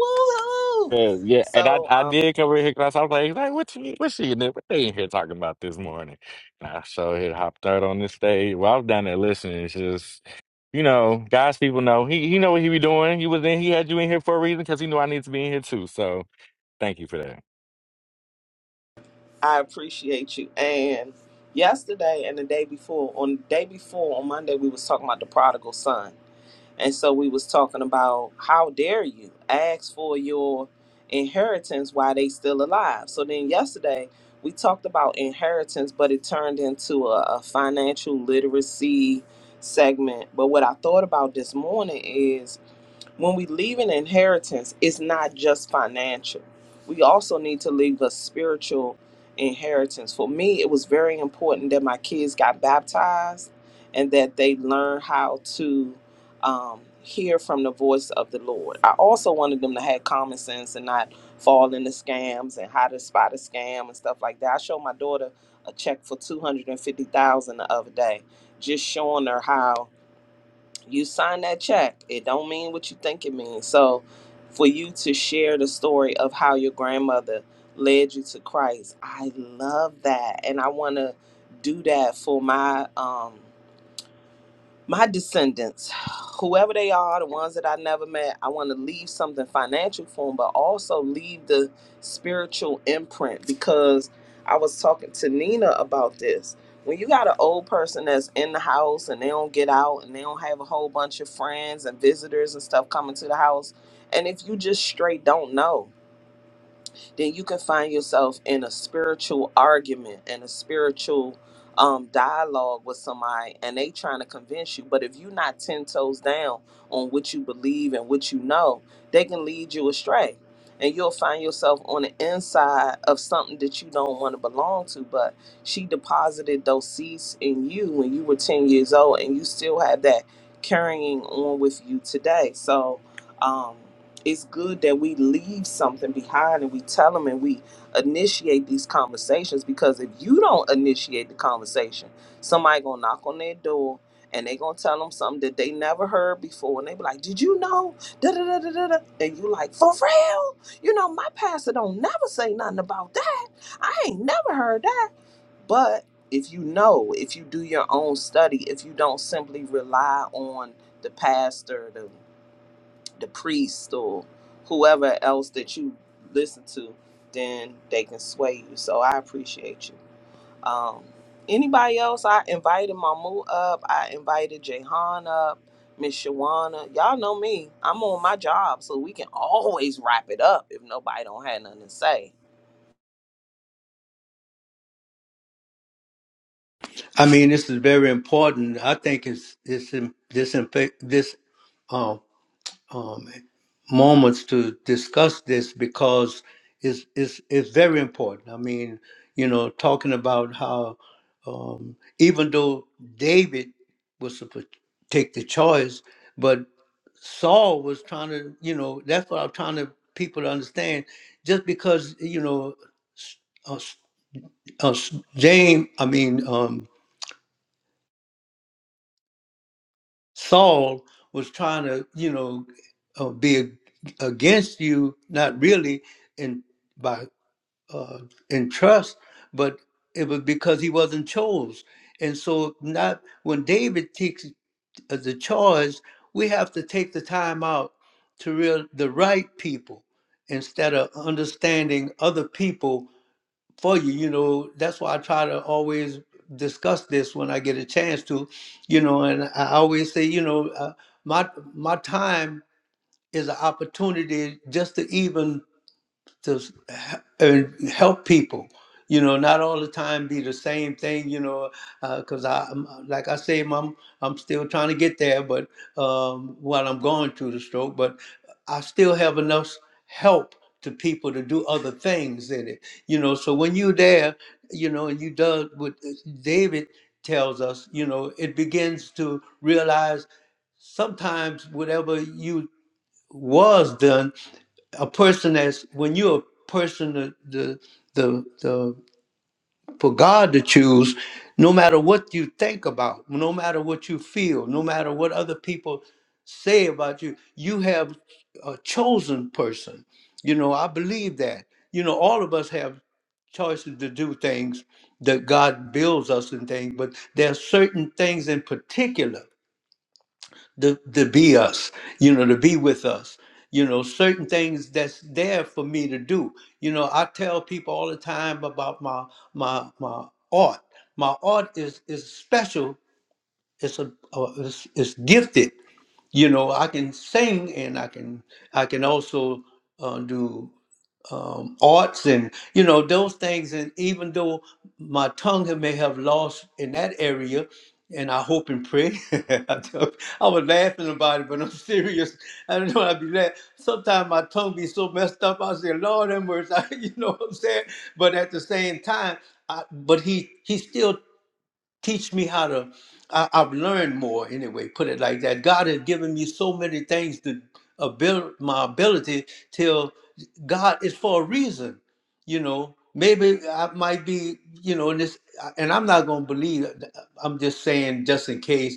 S2: Woohoo!
S5: Yeah, yeah, and I
S2: So
S5: I
S2: um,
S5: did come in here because I was like, like what she what she in there? What they in here talking about this morning? And I so here hopped out on this stage. Well, I was down there listening. It's just you know, guys, people know he he know what he be doing. He was in. He had you in here for a reason because he knew I need to be in here too. So thank you for that.
S2: I appreciate you. And yesterday and the day before, on the day before, on Monday, we was talking about the prodigal son. And so we was talking about how dare you ask for your inheritance while they still alive. So then yesterday we talked about inheritance, but it turned into a, a financial literacy segment. But what I thought about this morning is when we leave an inheritance, it's not just financial. We also need to leave a spiritual inheritance. For me, it was very important that my kids got baptized and that they learn how to um, hear from the voice of the Lord. I also wanted them to have common sense and not fall into scams and how to spot a scam and stuff like that. I showed my daughter a check for two hundred and fifty thousand dollars the other day, just showing her how you sign that check it don't mean what you think it means so for you to share the story of how your grandmother led you to christ i love that and i want to do that for my um my descendants, whoever they are, the ones that I never met, I want to leave something financial for them, but also leave the spiritual imprint because I was talking to Nina about this. When you got an old person that's in the house and they don't get out and they don't have a whole bunch of friends and visitors and stuff coming to the house, and if you just straight don't know, then you can find yourself in a spiritual argument and a spiritual um, dialogue with somebody and they trying to convince you but if you're not 10 toes down on what you believe and what you know they can lead you astray and you'll find yourself on the inside of something that you don't want to belong to but she deposited those seeds in you when you were 10 years old and you still have that carrying on with you today so um, it's good that we leave something behind and we tell them and we initiate these conversations because if you don't initiate the conversation, somebody gonna knock on their door and they gonna tell them something that they never heard before and they be like, "Did you know?" Da da da da da. da." And you like, "For real? You know, my pastor don't never say nothing about that. I ain't never heard that." But if you know, if you do your own study, if you don't simply rely on the pastor, the the priest or whoever else that you listen to, then they can sway you. So I appreciate you. Um, anybody else? I invited Mamu up. I invited Jahan up. Miss Shawana. Y'all know me. I'm on my job, so we can always wrap it up if nobody don't have nothing to say.
S1: I mean, this is very important. I think it's it's in- this in fact- this um, um, moments to discuss this because it's it's it's very important. I mean, you know, talking about how um, even though David was supposed to take the choice, but Saul was trying to, you know, that's what I'm trying to people to understand. Just because you know, s- uh, s- uh, s- James, I mean. Um, Saul was trying to, you know, uh, be ag- against you, not really in by uh, in trust, but it was because he wasn't chose. And so, not when David takes uh, the charge, we have to take the time out to real the right people instead of understanding other people for you. You know, that's why I try to always discuss this when I get a chance to, you know, and I always say, you know, uh, my my time is an opportunity just to even to s- h- and help people. You know, not all the time be the same thing. You know, because I, am like I say, I'm I'm still trying to get there, but um, while I'm going through the stroke, but I still have enough help to people to do other things in it. You know, so when you're there, you know, and you does what David tells us. You know, it begins to realize sometimes whatever you was done a person that's when you're a person the the the, the for God to choose, no matter what you think about, no matter what you feel, no matter what other people say about you, you have a chosen person. You know, I believe that. You know, all of us have choices to do things that God builds us in things, but there are certain things in particular to, to be us, you know, to be with us. You know, certain things that's there for me to do. You know, I tell people all the time about my my my art. My art is is special. It's a, a it's, it's gifted. You know, I can sing and I can I can also uh, do um, arts and you know those things and even though my tongue had- may have lost in that area and i hope and pray i don't- I was laughing about it but i'm serious i don't know i'd be laughing sometimes my tongue be so messed up i say lord have mercy you know what i'm saying but at the same time I, but he he still teach me how to I, i've learned more anyway put it like that god has given me so many things to build my ability till god is for a reason you know maybe i might be you know in this and i'm not going to believe i'm just saying just in case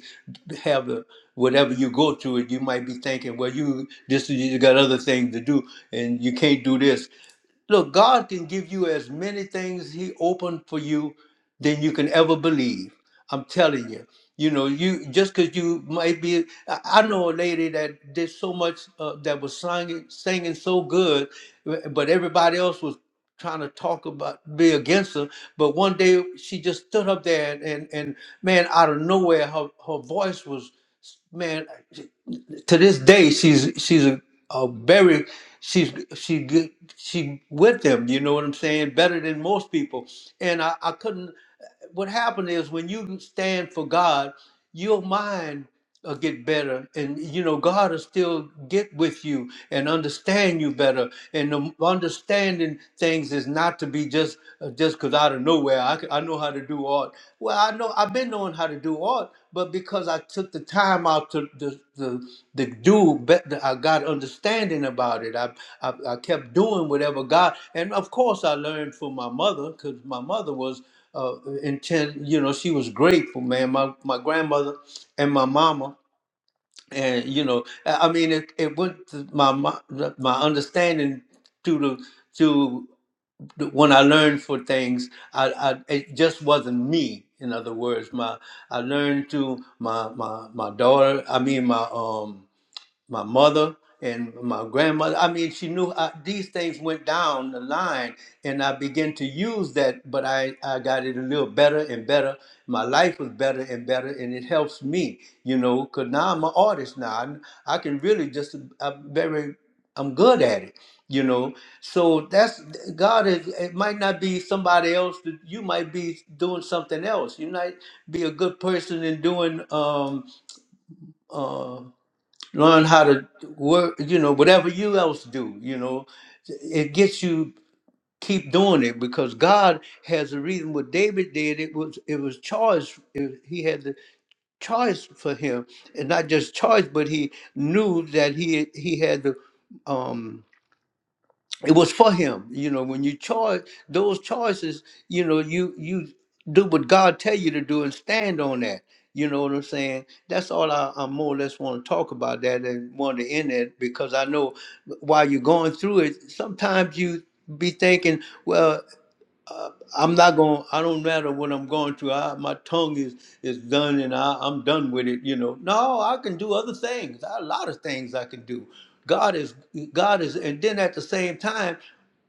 S1: have a whatever you go through it you might be thinking well you this you got other things to do and you can't do this Look, God can give you as many things He opened for you than you can ever believe. I'm telling you. You know, you just because you might be. I I know a lady that did so much uh, that was singing, singing so good, but everybody else was trying to talk about be against her. But one day she just stood up there and and, and man, out of nowhere, her her voice was man to this day she's she's a, a very she's she good she with them you know what i'm saying better than most people and i i couldn't what happened is when you stand for god your mind will get better and you know god will still get with you and understand you better and the understanding things is not to be just just uh, just because out of nowhere I, c- I know how to do art. Well, I know I've been knowing how to do art, but because I took the time out to the to, to do, bet- I got understanding about it. I, I I kept doing whatever God, and of course I learned from my mother because my mother was uh, intent. You know, she was grateful, man. My my grandmother and my mama and you know i I mean it, it went to my my my understanding to the to the- when i learned for things I, I it just wasn't me in other words my i learned to my my my daughter i mean my um my mother and my grandmother. I mean, she knew uh these things went down the line, and I began to use that. But I, I got it a little better and better. My life was better and better, and it helps me, you know, because now I'm an artist now. I, I can really just, I'm very, I'm good at it, you know. So that's, God is, it might not be somebody else, that you might be doing something else. You might be a good person in doing, um, uh, learn how to work you know whatever you else do you know it gets you keep doing it because god has a reason what david did it was it was choice it- he had the choice for him and not just choice but he knew that he he had the um it was for him you know when you charge those choices you know you you do what god tell you to do and stand on that you know what i'm saying that's all i, I more or less want to talk about that and want to end it because i know while you're going through it sometimes you be thinking well. I'm not going. I don't matter what I'm going through. I, my tongue is is done, and I, I'm done with it. You know. No, I can do other things. A lot of things I can do. God is God is, and then at the same time,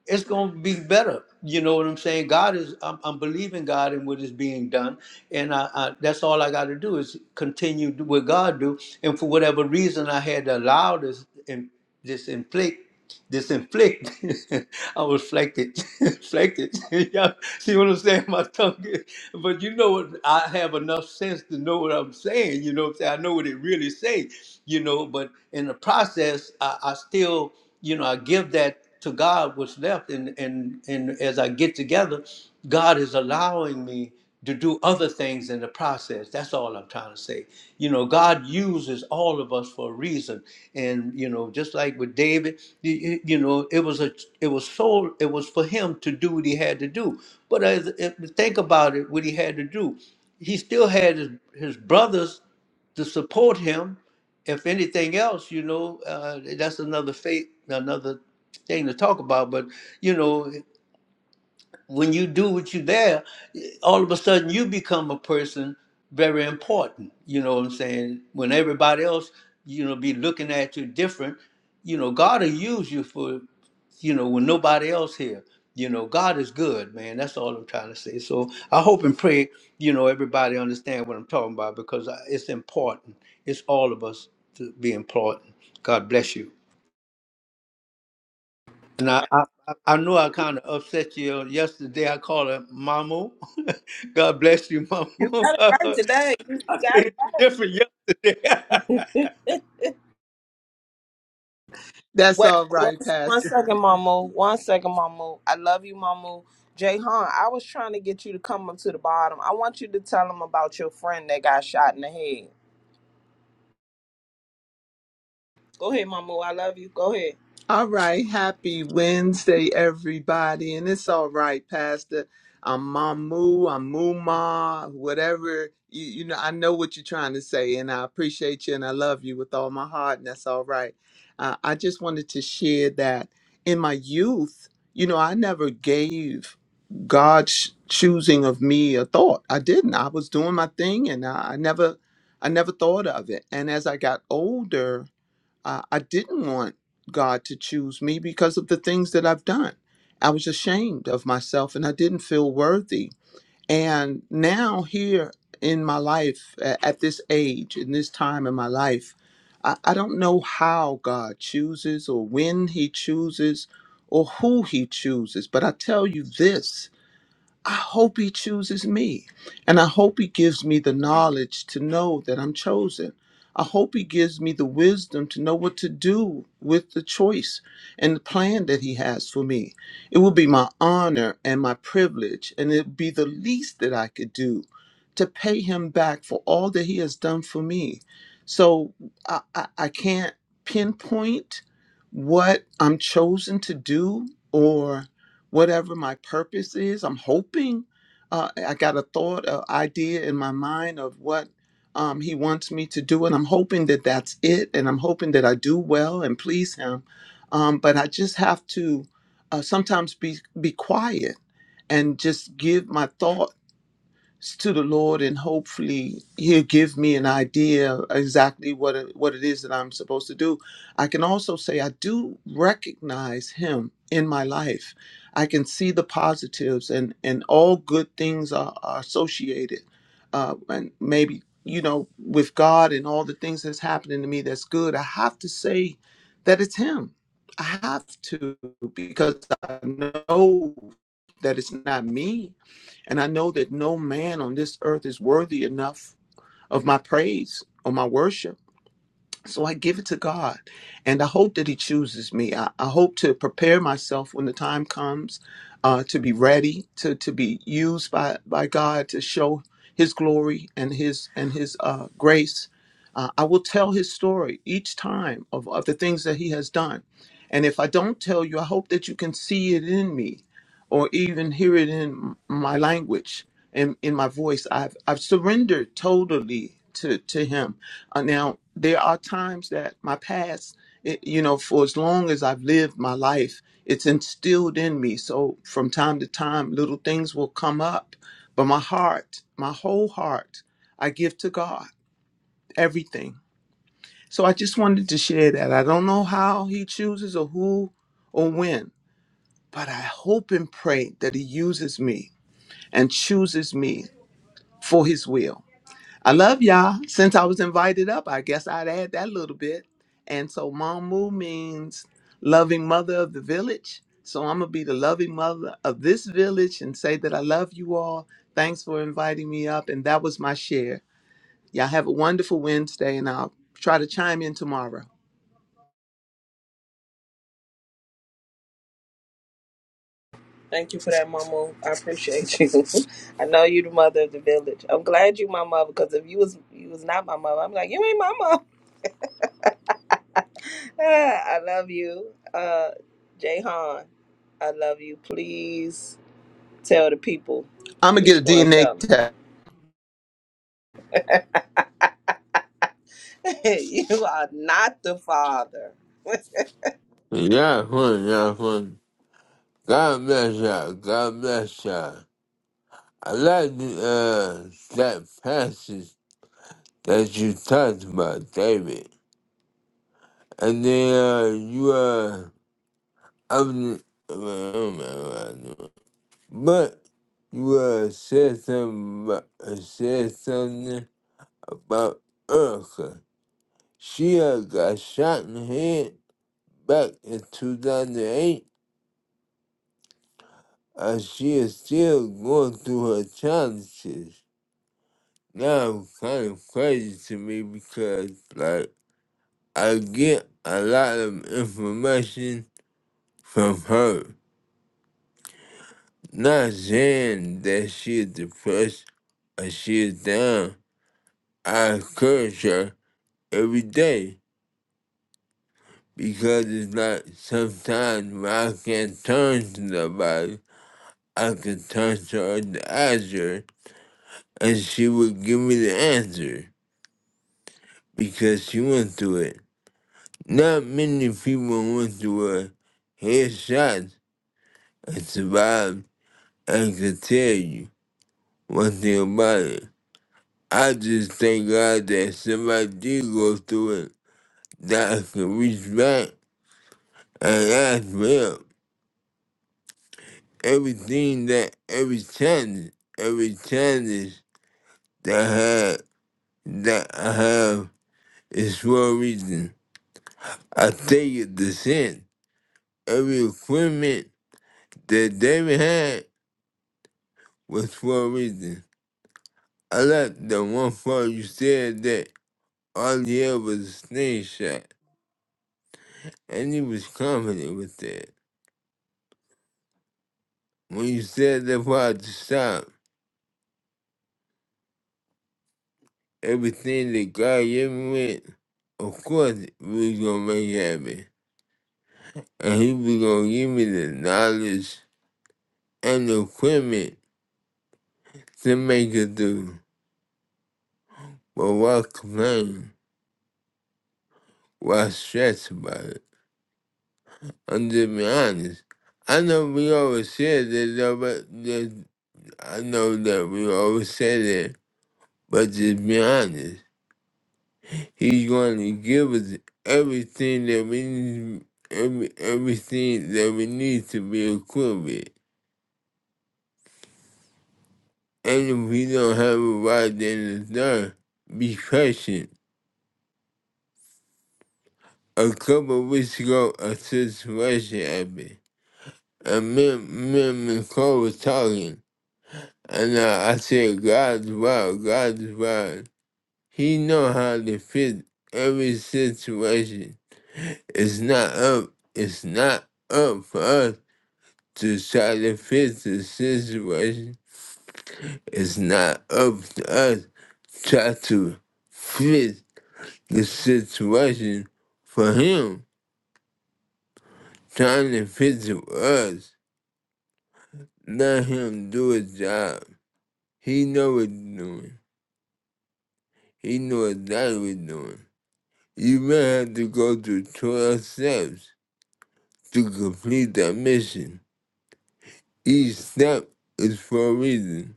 S1: it's going to be better. You know what I'm saying? God is. I'm, I'm believing God in what is being done, and I, I that's all I got to do is continue to do what God do. And for whatever reason, I had to allow this and this inflict disinflict. I was flected, flected. Y'all see what I'm saying? My tongue. But you know what? I have enough sense to know what I'm saying. You know what I'm saying? I know what it really say. You know, but in the process, I, I still, you know, I give that to God what's left, and and and as I get together, God is allowing me to do other things in the process. That's all I'm trying to say. You know, God uses all of us for a reason, and you know, just like with David, y- y- you know, it was a, it was so, it was for him to do what he had to do. But as if, think about it, what he had to do, he still had his, his brothers to support him. If anything else, you know, uh, that's another faith, another thing to talk about. But you know, when you do what you there, all of a sudden you become a person very important. You know what I'm saying? When everybody else, you know, be looking at you different, you know, God will use you for, you know, when nobody else here. You know, God is good, man. That's all I'm trying to say. So I hope and pray, you know, everybody understand what I'm talking about because I- it's important. It's all of us to be important. God bless you. And I, I, I I know I kind of upset you yesterday. I called her Mamu. God bless you,
S2: You
S1: Mamu.
S2: got it right
S1: I
S2: today. You
S1: said
S2: got
S1: it different yesterday.
S2: it.
S6: That's
S2: Wait,
S6: all
S2: one,
S6: right,
S2: one
S6: Pastor.
S2: second, Mama. One second, Mama. I love you, Mama. Jay Han, I was trying to get you to come up to the bottom. I want you to tell them about your friend that got shot in the head. Go ahead, Mama. I love you. Go ahead.
S6: All right. Happy Wednesday, everybody. And it's all right, Pastor. I'm Mamu, I'm Muma, whatever. You, you know, I know what you're trying to say, and I appreciate you and I love you with all my heart, and that's all right. Uh, I just wanted to share that in my youth, you know, I never gave God's choosing of me a thought. I didn't. I was doing my thing, and I, I never, I never thought of it. And as I got older, I, I didn't want God to choose me because of the things that I've done. I was ashamed of myself and I didn't feel worthy. And now, here in my life, a- at this age, in this time in my life, I, I don't know how God chooses or when He chooses or who He chooses, but I tell you this I hope he chooses me. And I hope he gives me the knowledge to know that I'm chosen. I hope he gives me the wisdom to know what to do with the choice and the plan that he has for me. It will be my honor and my privilege, and it would be the least that I could do to pay him back for all that he has done for me. So I, I, I can't pinpoint what I'm chosen to do or whatever my purpose is. I'm hoping uh, I got a thought, an idea in my mind of what um, he wants me to do, and I'm hoping that that's it. And I'm hoping that I do well and please him. Um, but I just have to uh, sometimes be be quiet and just give my thought to the Lord, and hopefully He'll give me an idea exactly what it, what it is that I'm supposed to do. I can also say I do recognize Him in my life. I can see the positives, and and all good things are, are associated, uh, and maybe you know with God and all the things that's happening to me that's good. I have to say that it's Him. I have to because I know that it's not me and I know that no man on this earth is worthy enough of my praise or my worship. So I give it to God. And I hope that He chooses me. I, I hope to prepare myself when the time comes uh, to be ready, to, to be used by, by God to show His glory and His, and his uh, grace. Uh, I will tell His story each time of, of the things that He has done. And if I don't tell you, I hope that you can see it in me or even hear it in my language and in my voice. I've, I've surrendered totally to, to Him uh, now, there are times that my past, it, you know, for as long as I've lived my life, it's instilled in me. So from time to time, little things will come up. But my heart, my whole heart, I give to God everything. So I just wanted to share that. I don't know how He chooses or who or when, but I hope and pray that He uses me and chooses me for His will. I love y'all. Since I was invited up, I guess I'd add that little bit. And so Mamu means loving mother of the village. So I'm going to be the loving mother of this village and say that I love you all. Thanks for inviting me up. And that was my share. Y'all have a wonderful Wednesday, and I'll try to chime in tomorrow.
S2: Thank you for that, Mama. I appreciate you. I know you the mother of the village. I'm glad you my mother, because if you was you was not my mother, I'm like, you ain't my mom. I love you. Uh Jay Han, I love you. Please tell the people
S6: I'm going
S2: what
S6: to get
S2: you
S6: a
S2: want to
S6: DNA
S2: tell them.
S6: test.
S2: you are not the father.
S7: Yeah, fun, yeah, fun. God bless you. God bless you. I like the, uh, that passage that you talked about, David. And then uh, you uh, I'm, well, I don't remember what I knew. but you uh, said something about, uh, said something about Erica. She uh, got shot in the head back in 2008. Uh, she is still going through her challenges. now kind of crazy to me because like I get a lot of information from her. Not saying that she is depressed or she is down. I encourage her every day because it's like sometimes when I can't turn to nobody, I can turn to her to ask her and she would give me the answer because she went through it. Not many people went through a headshot and survived and could tell you one thing about it. I just thank God that somebody did go through it, that I could reach back and ask for help. Everything that, every challenge, every challenge that I had, that I have is for a reason. I take it to sin. Every equipment that David had was for a reason. I like the one part you said that all he had was a snake shot, and he was confident with that. When you said that part to stop, everything that God gave me with, of course we was gonna make it happen. And he was gonna give me the knowledge and the equipment to make it through. But why complain? Why stress about it? I'm just being honest. I know we always said that, I know that we always say that, but just be honest. He's going to give us everything that we need, every, everything that we need to be equipped with. And if we don't have it right then and there, be patient. A couple of weeks ago, a situation happened. And me, me and Nicole were talking, and I, I said, God's wild, God's wild. He know how to fit every situation It's not up. It's not up for us to try to fix the situation. It's not up to us try to fix the situation for him. Trying to fix it for us. Let him do his job. He know what he's doing. He know exactly what he's doing. You may have to go through 12 steps to complete that mission. Each step is for a reason.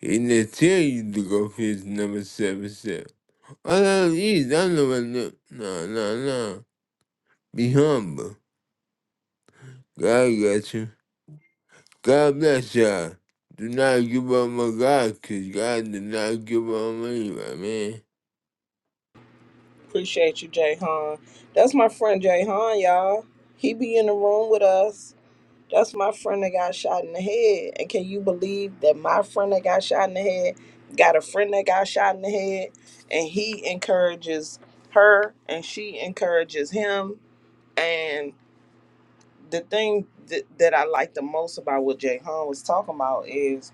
S7: And they tell you to go fix number seven seven. I don't need, I know I know. No, no, no. Be humble. God got you. God bless y'all. Do not give up on God, cause God did not give up on anybody, man.
S2: Appreciate you, Jay Han. That's my friend Jay Han, y'all. He be in the room with us. That's my friend that got shot in the head. And can you believe that my friend that got shot in the head got a friend that got shot in the head? And he encourages her and she encourages him. And the thing th- that I like the most about what Jay Han was talking about is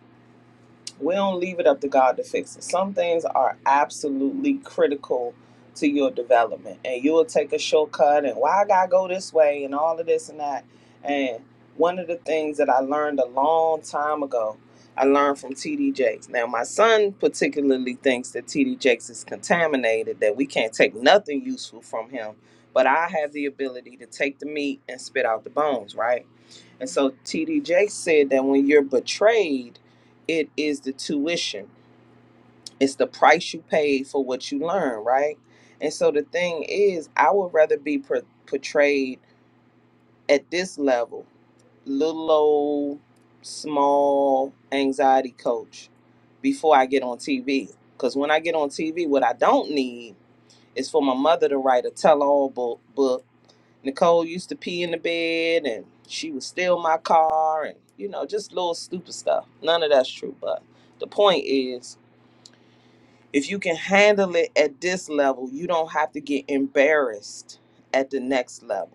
S2: we don't leave it up to God to fix it. Some things are absolutely critical to your development, and you will take a shortcut and why I gotta go this way and all of this and that. And one of the things that I learned a long time ago, I learned from TD Jakes. Now, my son particularly thinks that TD Jakes is contaminated, that we can't take nothing useful from him. But I have the ability to take the meat and spit out the bones, right? And so TDJ said that when you're betrayed, it is the tuition. It's the price you paid for what you learn, right? And so the thing is, I would rather be per- portrayed at this level, little old small anxiety coach, before I get on TV. Because when I get on TV, what I don't need is for my mother to write a tell all book Nicole used to pee in the bed and she would steal my car and, you know, just little stupid stuff. None of that's true. But the point is, if you can handle it at this level, you don't have to get embarrassed at the next level.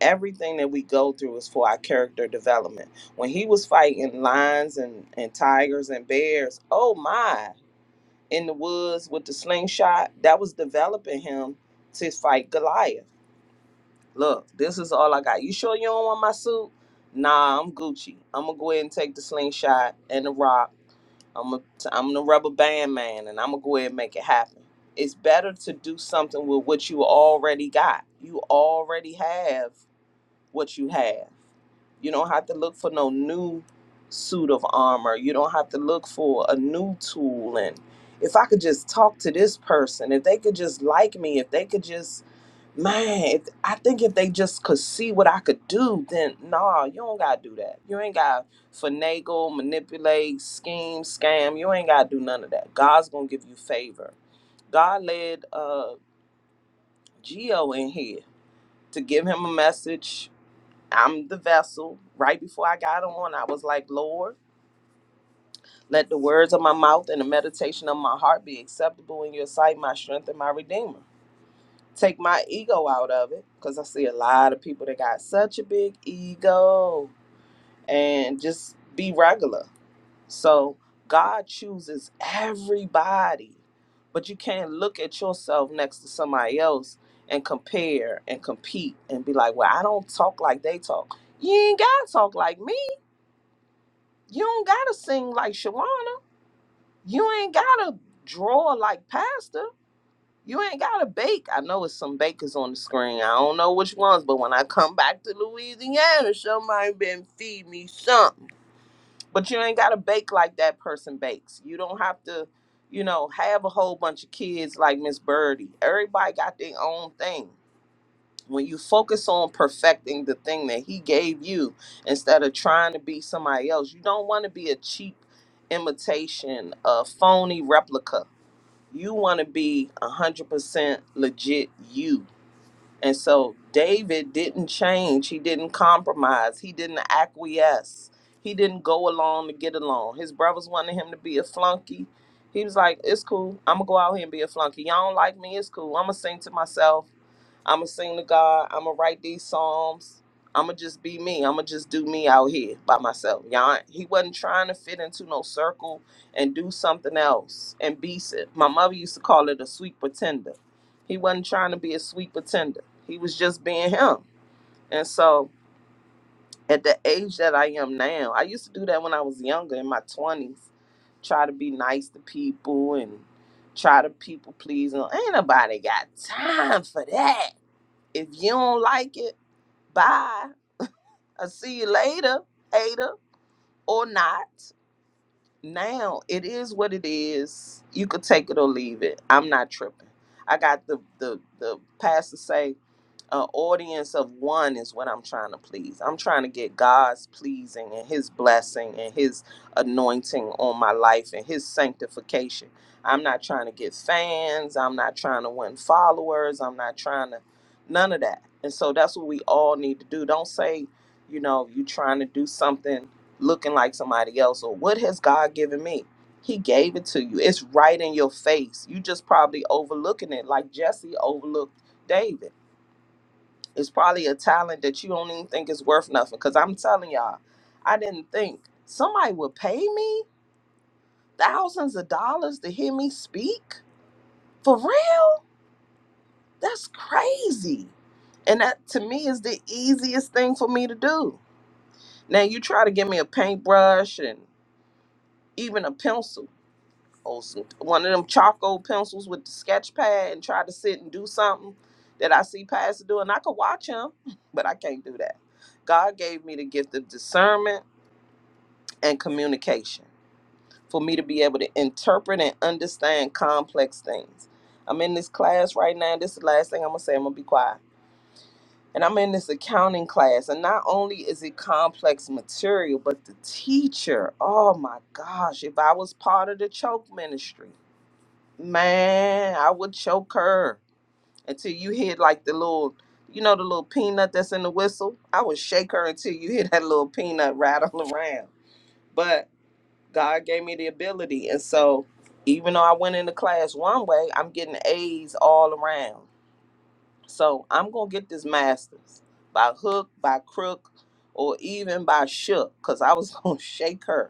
S2: Everything that we go through is for our character development. When he was fighting lions and, and tigers and bears, oh my, in the woods with the slingshot, that was developing him to fight Goliath Look, this is all I got. You sure you don't want my suit? Nah, I'm Gucci. I'm gonna go ahead and take the slingshot and the rock. I'm a, I'm the rubber band man, and I'm gonna go ahead and make it happen. It's better to do something with what you already got. You already have what you have. You don't have to look for no new suit of armor. You don't have to look for a new tool. And if I could just talk to this person, if they could just like me, if they could just man, if- I think if they just could see what I could do, then nah, you don't gotta do that. You ain't gotta finagle, manipulate, scheme, scam. You ain't gotta do none of that. God's gonna give you favor. God led uh Geo in here to give him a message. I'm the vessel. Right before I got on, I was like, Lord, let the words of my mouth and the meditation of my heart be acceptable in your sight, my strength and my redeemer. take my ego out of it because I see a lot of people that got such a big ego and just be regular. So God chooses everybody, but you can't look at yourself next to somebody else and compare and compete and be like, well, I don't talk like they talk. You ain't got to talk like me. You don't got to sing like Shawana. You ain't got to draw like Pastor. You ain't gotta bake. I know it's some bakers on the screen. I don't know which ones, but when I come back to Louisiana, somebody been feed me something. But you ain't gotta bake like that person bakes. You don't have to, you know, have a whole bunch of kids like Miss Birdie. Everybody got their own thing. When you focus on perfecting the thing that he gave you instead of trying to be somebody else, you don't want to be a cheap imitation, a phony replica you want to be 100% legit you. And so David didn't change. He didn't compromise. He didn't acquiesce. He didn't go along to get along. His brothers wanted him to be a flunky. He was like, it's cool. I'm going to go out here and be a flunky. Y'all don't like me. It's cool. I'm going to sing to myself. I'ma sing to God. I'ma write these psalms. I'ma just be me. I'ma just do me out here by myself. Y'all, he wasn't trying to fit into no circle and do something else and be it. My mother used to call it a sweet pretender. He wasn't trying to be a sweet pretender. He was just being him. And so at the age that I am now, I used to do that when I was younger in my twenties. Try to be nice to people and try to people please. And ain't nobody got time for that if you don't like it, bye. I'll see you later, Ada, or not now it is what it is. You could take it or leave it. I'm not tripping. I got the the the pastor say, an audience of one is what I'm trying to please. I'm trying to get God's pleasing and His blessing and His anointing on my life and His sanctification. I'm not trying to get fans. I'm not trying to win followers. I'm not trying to none of that. And so that's what we all need to do. Don't say, you know, you trying to do something looking like somebody else or what has God given me? He gave it to you. It's right in your face. You just probably overlooking it like Jesse overlooked David. It's probably a talent that you don't even think is worth nothing. Cause I'm telling y'all, I didn't think somebody would pay me thousands of dollars to hear me speak. For real? That's crazy. And that to me is the easiest thing for me to do. Now you try to give me a paintbrush and even a pencil. old some- one of them charcoal pencils with the sketch pad and try to sit and do something that I see Pastor do, and I could watch him, but I can't do that. God gave me the gift of discernment and communication for me to be able to interpret and understand complex things. I'm in this class right now. This is the last thing I'm gonna say. I'm gonna be quiet. And I'm in this accounting class, and not only is it complex material, but the teacher, oh my gosh, if I was part of the choke ministry, Man, I would choke her until you hit like the little, you know, the little peanut that's in the whistle. I would shake her until you hit that little peanut rattle around. But God gave me the ability. And so even though I went into class one way, I'm getting A's all around. So I'm going to get this master's by hook, by crook, or even by shook because I was going to shake her.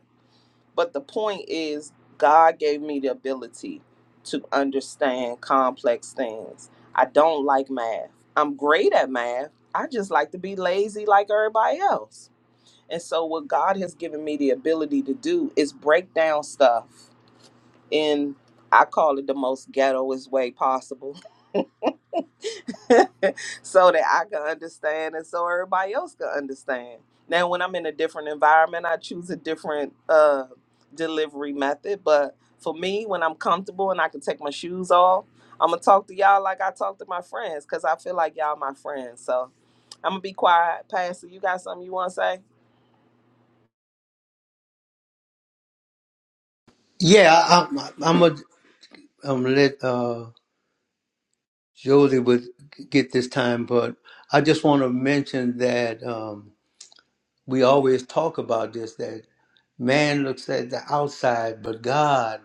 S2: But the point is, God gave me the ability to understand complex things. I don't like math. I'm great at math. I just like to be lazy like everybody else. And so, what God has given me the ability to do is break down stuff in, I call it the most ghettoest way possible so that I can understand and so everybody else can understand. Now, when I'm in a different environment, I choose a different uh, delivery method. But for me, when I'm comfortable and I can take my shoes off, I'm gonna talk to y'all like I talk to my friends because I feel like y'all my friends. So I'm gonna be quiet. Pastor, you got something you want to say?
S1: yeah, I, I'm. I'm gonna I'm gonna let uh, Josie would get this time, but I just want to mention that um, we always talk about this that man looks at the outside, but God,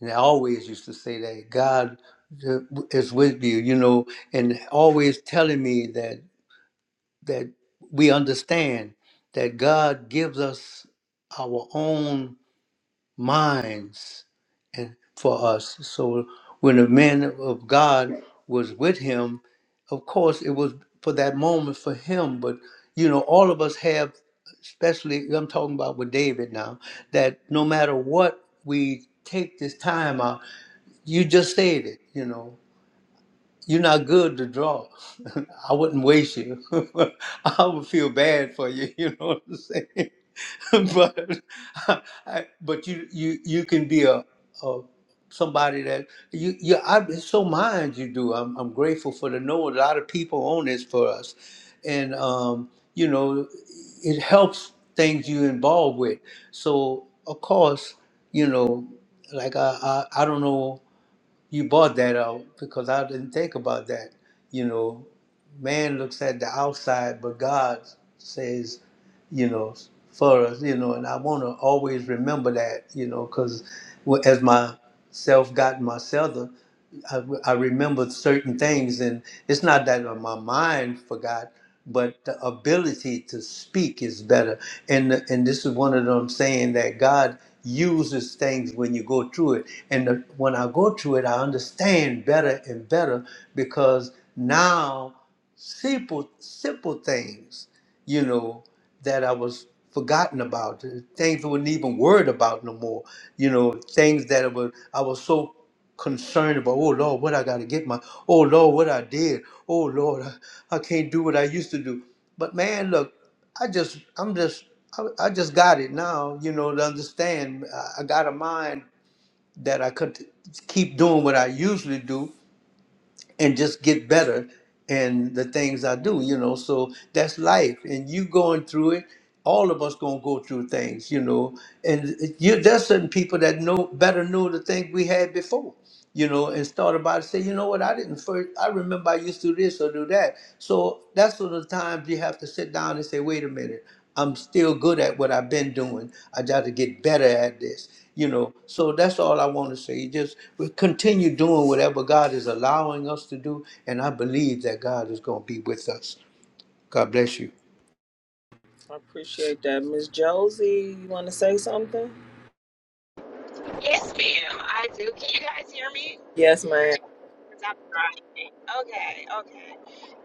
S1: and I always used to say that God uh, is with you, you know, and always telling me that. that we understand that God gives us our own minds and for us. So when the man of God was with him, of course it was for that moment for him, but you know, all of us have especially I'm talking about with David now, that no matter what we take this time out, you just said it, you know you're not good to draw. I wouldn't waste you. I would feel bad for you. You know what I'm saying? but I, but you you you can be a, a somebody that you you. I, it's so mind you do. I'm I'm grateful for the know a lot of people on this for us, and um, you know it helps things you involved with. So of course you know like I I, I don't know you bought that out because I didn't think about that. You know, man looks at the outside, but God says, you know, for us, you know, and I want to always remember that, you know, because as myself got my self I, I remember certain things, and it's not that uh, my mind forgot, but the ability to speak is better. And and this is one of them saying that God uses things when you go through it. And the, when I go through it, I understand better and better because now simple simple things you know, that I was forgotten about, uh, things I wasn't even worried about no more, you know, things that were, I was so concerned about, oh Lord, what I got to get my, oh Lord, what I did, oh Lord, I, I can't do what I used to do. But man, look, I just, I'm just, I, I just got it now, you know, to understand. I, I got a mind that I could keep doing what I usually do and just get better in the things I do, you know. So that's life, and you going through it. All of us gonna go through things, you know. And you, there's certain people that know better know the things we had before, you know, and start about it. Say, you know what, I didn't first. I remember I used to do this or do that. So that's one of the times you have to sit down and say, wait a minute. I'm still good at what I've been doing. I got to get better at this, you know. So that's all I want to say. Just we continue doing whatever God is allowing us to do, and I believe that God is going to be with us. God bless you.
S2: I appreciate that, Miss Josie. You want to say something?
S8: Yes, ma'am, I do. Can you guys hear me?
S2: Yes, ma'am.
S8: 'Cause I'm driving. Okay, okay.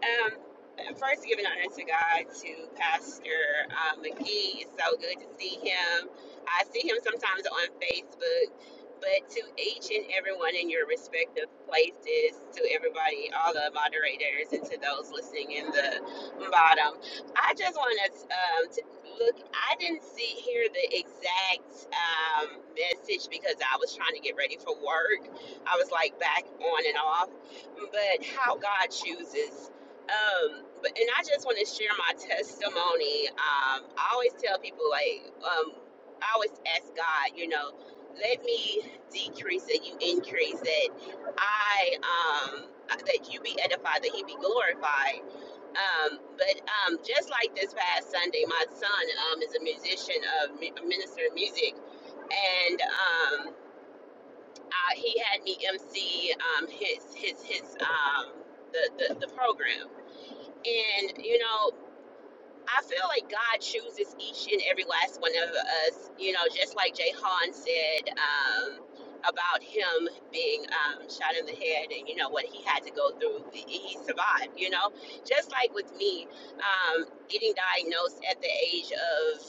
S8: Um, first, giving honor to God, to Pastor uh, McGee. It's so good to see him. I see him sometimes on Facebook, but to each and everyone in your respective places, to everybody, all the moderators, and to those listening in the bottom, I just want us um, to look. I didn't see hear the exact um, message because I was trying to get ready for work. I was like back on and off, but how God chooses. Um, but and I just want to share my testimony. Um, I always tell people like, um, I always ask God, you know, let me decrease and you increase that I um that you be edified, that you be glorified. Um, but um, just like this past Sunday, my son um is a musician, of a minister of music, and um, I, he had me MC um his his his um the the, the program and you know I feel like God chooses each and every last one of us, you know, just like Jay Han said um, about him being um, shot in the head and, you know, what he had to go through. He he survived, you know. Just like with me, um, getting diagnosed at the age of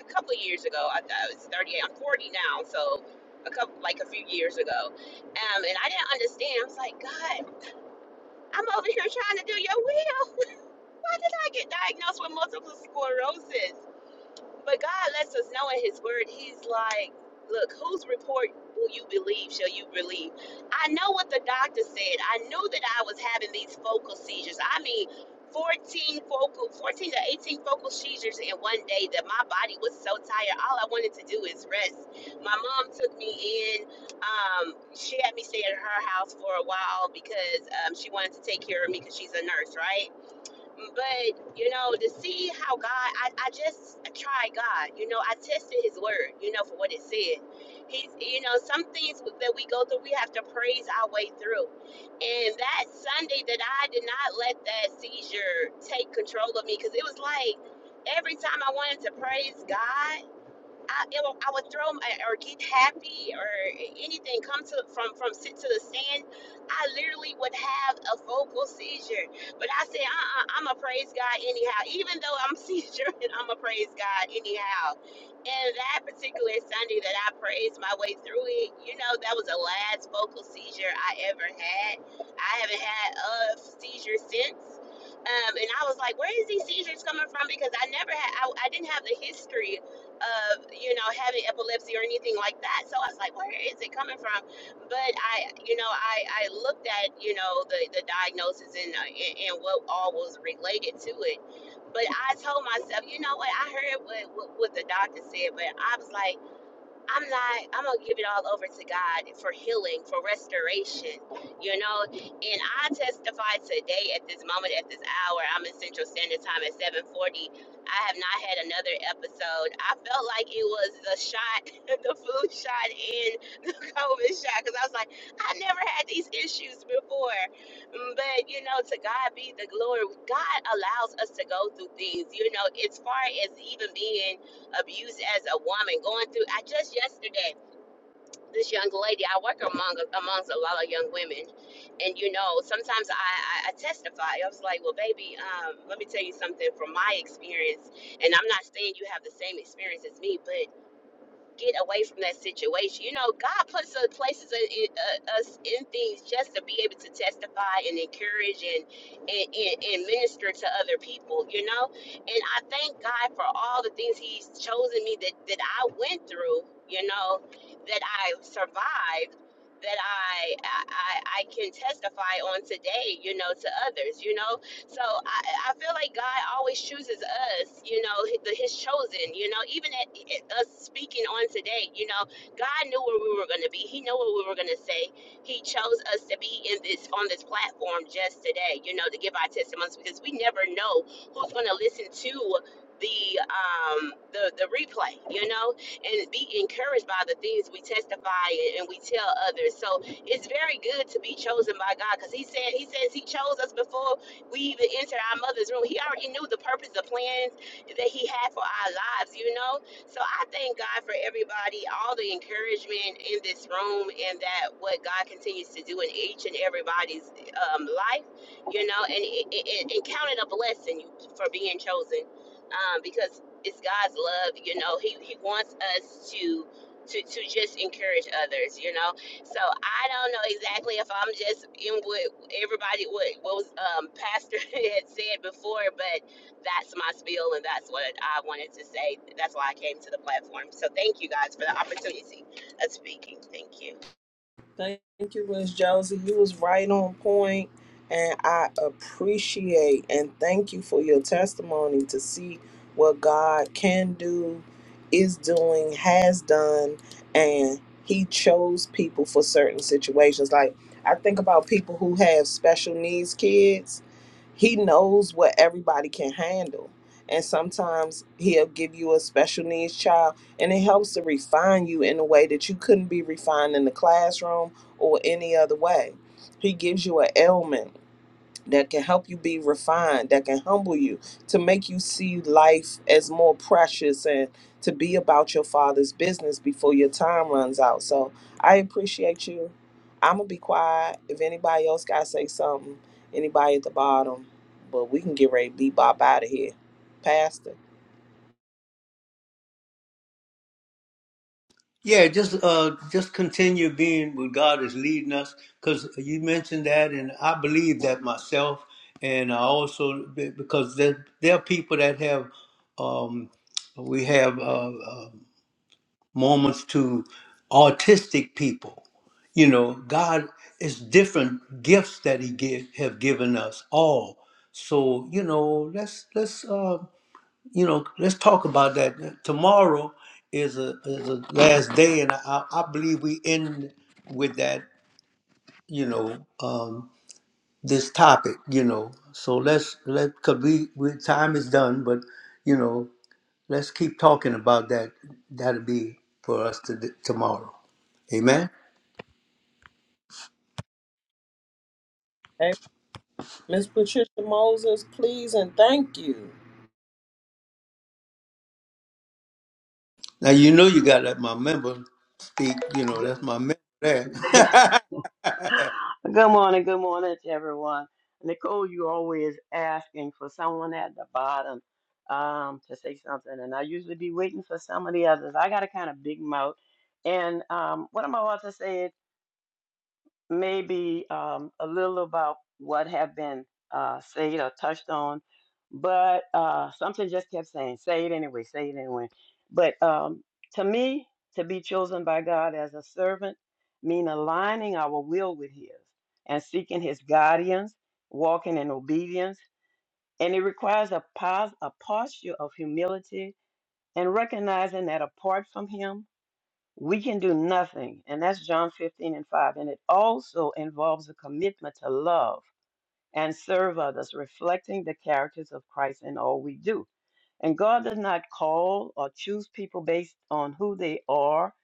S8: a couple of years ago, I, I was 38, I'm 40 now, so a couple, like a few years ago. Um, and I didn't understand. I was like, God, I'm over here trying to do your will why did I get diagnosed with multiple sclerosis? But God lets us know in His Word, He's like, look, whose report will you believe? Shall you believe? I know what the doctor said. I knew that I was having these focal seizures. I mean, 14 focal, 14 to 18 focal seizures in one day that my body was so tired. All I wanted to do is rest. My mom took me in. Um, she had me stay at her house for a while because um, she wanted to take care of me because she's a nurse, right? but you know to see how god I, I just tried god you know i tested his word you know for what it said he's you know some things that we go through we have to praise our way through and that sunday that i did not let that seizure take control of me because it was like every time i wanted to praise god I, it will- I would throw my, or get happy or anything come to from from sit to the sand. I literally would have a vocal seizure, but I said, uh-uh, I'm a praise God anyhow. Even though I'm seizure, I'm a praise God anyhow. And that particular Sunday that I praised my way through it, you know, that was the last vocal seizure I ever had. I haven't had a seizure since. Um, and I was like, where is these seizures coming from? Because I never had, I, I didn't have the history of you know having epilepsy or anything like that so i was like where is it coming from but i you know i i looked at you know the the diagnosis and uh, and, and what all was related to it but i told myself you know what i heard what, what what the doctor said but i was like I'm not, I'm going to give it all over to God for healing, for restoration, you know. And I testify today at this moment, at this hour, I'm in Central Standard Time at 740. I have not had another episode. I felt like it was the shot, the flu shot COVID shot because I was like, I never had these issues before. Mm, But you know, to God be the glory. God allows us to go through things. You know, as far as even being abused as a woman, going through. I just yesterday. This young lady, I work among amongst a lot of young women, and you know, sometimes I, I, I testify. I was like, "Well, baby, um, let me tell you something from my experience, and I'm not saying you have the same experience as me, but get away from that situation. You know, God puts us places in, in, uh, us in things just to be able to testify and encourage and, and and and minister to other people. You know, and I thank God for all the things He's chosen me that that I went through. You know, that I survived. That I, I I I can testify on today, you know, to others, you know, so I, I feel like God always chooses us, you know, the, His chosen, you know, even at, at us speaking on today, you know, God knew where we were going to be. He knew what we were going to say. He chose us to be in this on this platform just today, you know, to give our testimonies because we never know who's going to listen to the um the the replay you know and be encouraged by the things we testify and we tell others so it's very good to be chosen by god because he said he says he chose us before we even entered our mother's room. He already knew the purpose, the plans that he had for our lives, you know? So I thank God for everybody, all the encouragement in this room, and that what God continues to do in each and everybody's um, life, you know, and, and, and count it a blessing for being chosen um, because it's God's love, you know, He, he wants us to. To, to just encourage others, you know. So I don't know exactly if I'm just in with everybody what, what was um, pastor had said before but that's my spiel and that's what i wanted to say that's why i came to the platform so thank you guys for the opportunity of speaking thank you
S2: Thank you, Miss Josie. You was right on point, and I appreciate and thank you for your testimony to see what God can do, is doing, has done, and He chose people for certain situations. Like I think about people who have special needs kids. He knows what everybody can handle, and sometimes He'll give you a special needs child and it helps to refine you in a way that you couldn't be refined in the classroom or any other way. He gives you an ailment that can help you be refined, that can humble you, to make you see life as more precious and to be about your father's business before your time runs out. So I appreciate you. I'm gonna be quiet. If anybody else gotta say something, anybody at the bottom, but we can get ready to be bop out of here. Pastor.
S1: Yeah, just uh, just continue being what God is leading us, because you mentioned that, and I believe that myself, and I also be- because there there are people that have, um, we have. Uh, moments to autistic people. You know, God is different gifts that He give, have given us all. So you know, let's let's uh, you know let's talk about that. Tomorrow is a is a last day, and I, I believe we end with that. You know, um, this topic. You know, so let's let cause we, we time is done, but you know. Let's keep talking about that. That'll be for us to tomorrow. Amen.
S2: Miss Patricia Moses, please and thank you.
S1: Now you know you got to let my member speak. You know
S9: Good
S1: that's my member there.
S9: good morning, good morning to everyone. Nicole, you always asking for someone at the bottom um, to say something, and I usually be waiting for some of the others. I got a kind of big mouth, and um, what am I about to say? maybe um, a little about what have been uh, said or touched on, but uh, something just kept saying, say it anyway, say it anyway. But um, to me, to be chosen by God as a servant mean aligning our will with His and seeking His guidance, walking in obedience, and it requires a, pos- a posture of humility and recognizing that apart from Him. We can do nothing. And that's John 15 and 5. And it also involves a commitment to love and serve others, reflecting the characters of Christ in all we do. And God does not call or choose people based on who they are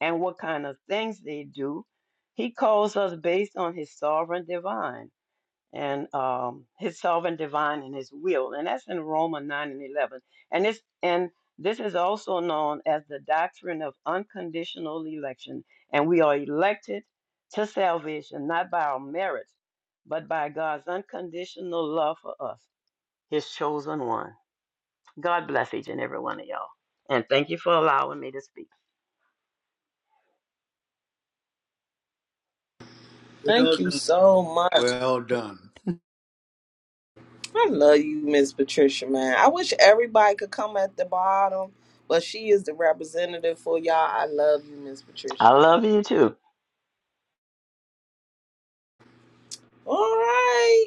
S9: and what kind of things they do. He calls us based on his sovereign divine and um, his sovereign divine and his will. And that's in Romans 9 and 11. And this, and this is also known as the doctrine of unconditional election. And we are elected to salvation, not by our merits, but by God's unconditional love for us, his chosen one. God bless each and every one of y'all. And thank you for allowing me to speak.
S1: well
S2: Thank you
S1: done.
S2: so much.
S1: Well done.
S2: I love you, Miss Patricia, man. I wish everybody could come at the bottom, but she is the representative for y'all. I love you, Miss Patricia.
S9: I love you too.
S2: All right.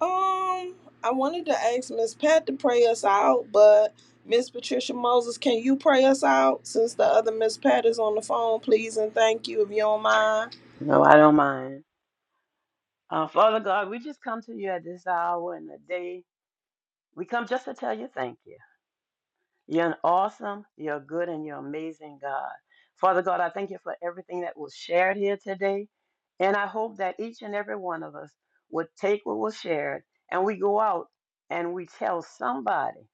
S2: Um, I wanted to ask Miss Pat to pray us out, but Miss Patricia Moses, can you pray us out since the other Miss Pat is on the phone, please and thank you if you don't mind?
S9: No, I don't mind. Uh, Father God, we just come to you at this hour and the day. We come just to tell you thank you. You're an awesome, you're a good, and you're amazing, God. Father God, I thank you for everything that was shared here today. And I hope that each and every one of us would take what was shared and we go out and we tell somebody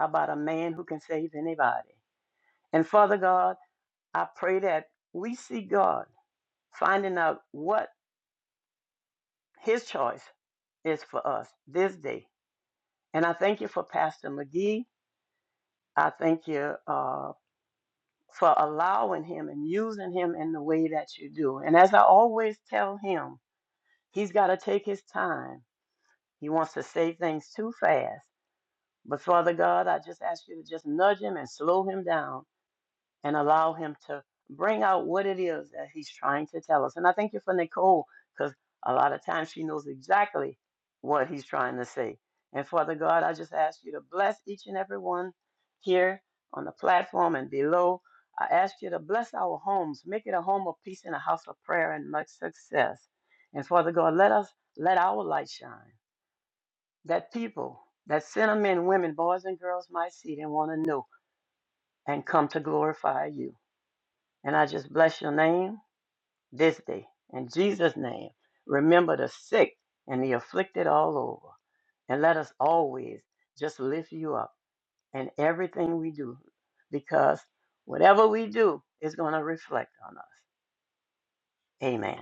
S9: about a man who can save anybody. And Father God, I pray that we see God finding out what his choice is for us this day. And I thank you for Pastor McGee. I thank you. uh, for allowing him and using him in the way that you do. And as I always tell him, he's got to take his time. He wants to say things too fast. But Father God, I just ask you to just nudge him and slow him down and allow him to bring out what it is that he's trying to tell us. And I thank you for Nicole, because a lot of times she knows exactly what he's trying to say. And Father God, I just ask you to bless each and every one here on the platform and below. I ask you to bless our homes, make it a home of peace and a house of prayer and much success. And Father God, let us let our light shine. That people, that sinner men, women, boys and girls might see it and want to know and come to glorify you. And I just bless your name this day. In Jesus' name, remember the sick and the afflicted all over. And let us always just lift you up in everything we do, because whatever we do is going to reflect on us. Amen.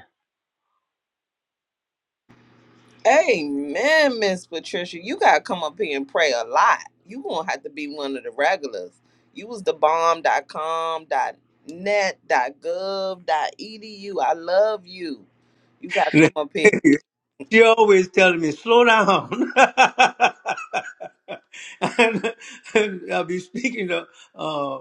S2: Amen, Miss Patricia. You gotta come up here and pray a lot. You gonna have to be one of the regulars. You was the bomb dot com dot net dot gov dot edu. I love you. You gotta come up here.
S1: she always telling me, slow down. and, and I'll be speaking of uh,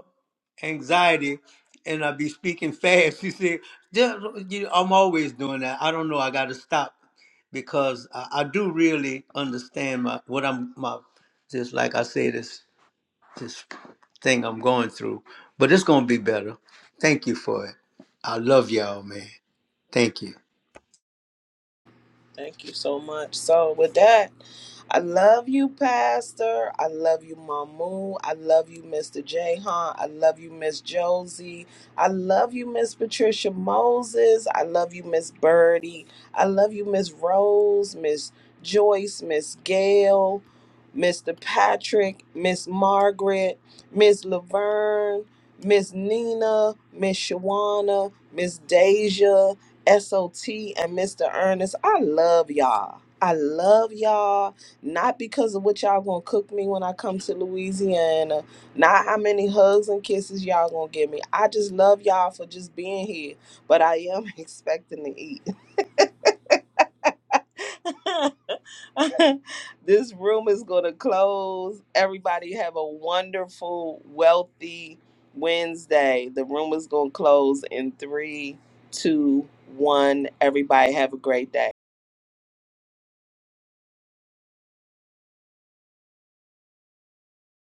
S1: anxiety and I'll be speaking fast. She said, "Just- you- I'm always doing that. I don't know. I got to stop because I, I do really understand my what I'm, my just like I say, this, this thing I'm going through. But it's going to be better. Thank you for it. I love y'all, man. Thank you.
S2: Thank you so much. So, with that, I love you, Pastor. I love you, Mamu. I love you, Mr. Jahan. I love you, Miss Josie. I love you, Miss Patricia Moses. I love you, Miss Birdie. I love you, Miss Rose, Miss Joyce, Miss Gail, Mr. Patrick, Miss Margaret, Miss Laverne, Miss Nina, Miss Shawana, Miss Deja. SOT and Mr. Ernest. I love y'all. I love y'all. Not because of what y'all gonna cook me when I come to Louisiana. Not how many hugs and kisses y'all gonna give me. I just love y'all for just being here. But I am expecting to eat. this room is gonna close. Everybody have a wonderful, wealthy Wednesday. The room is gonna close in three, two, one. Everybody have a great day.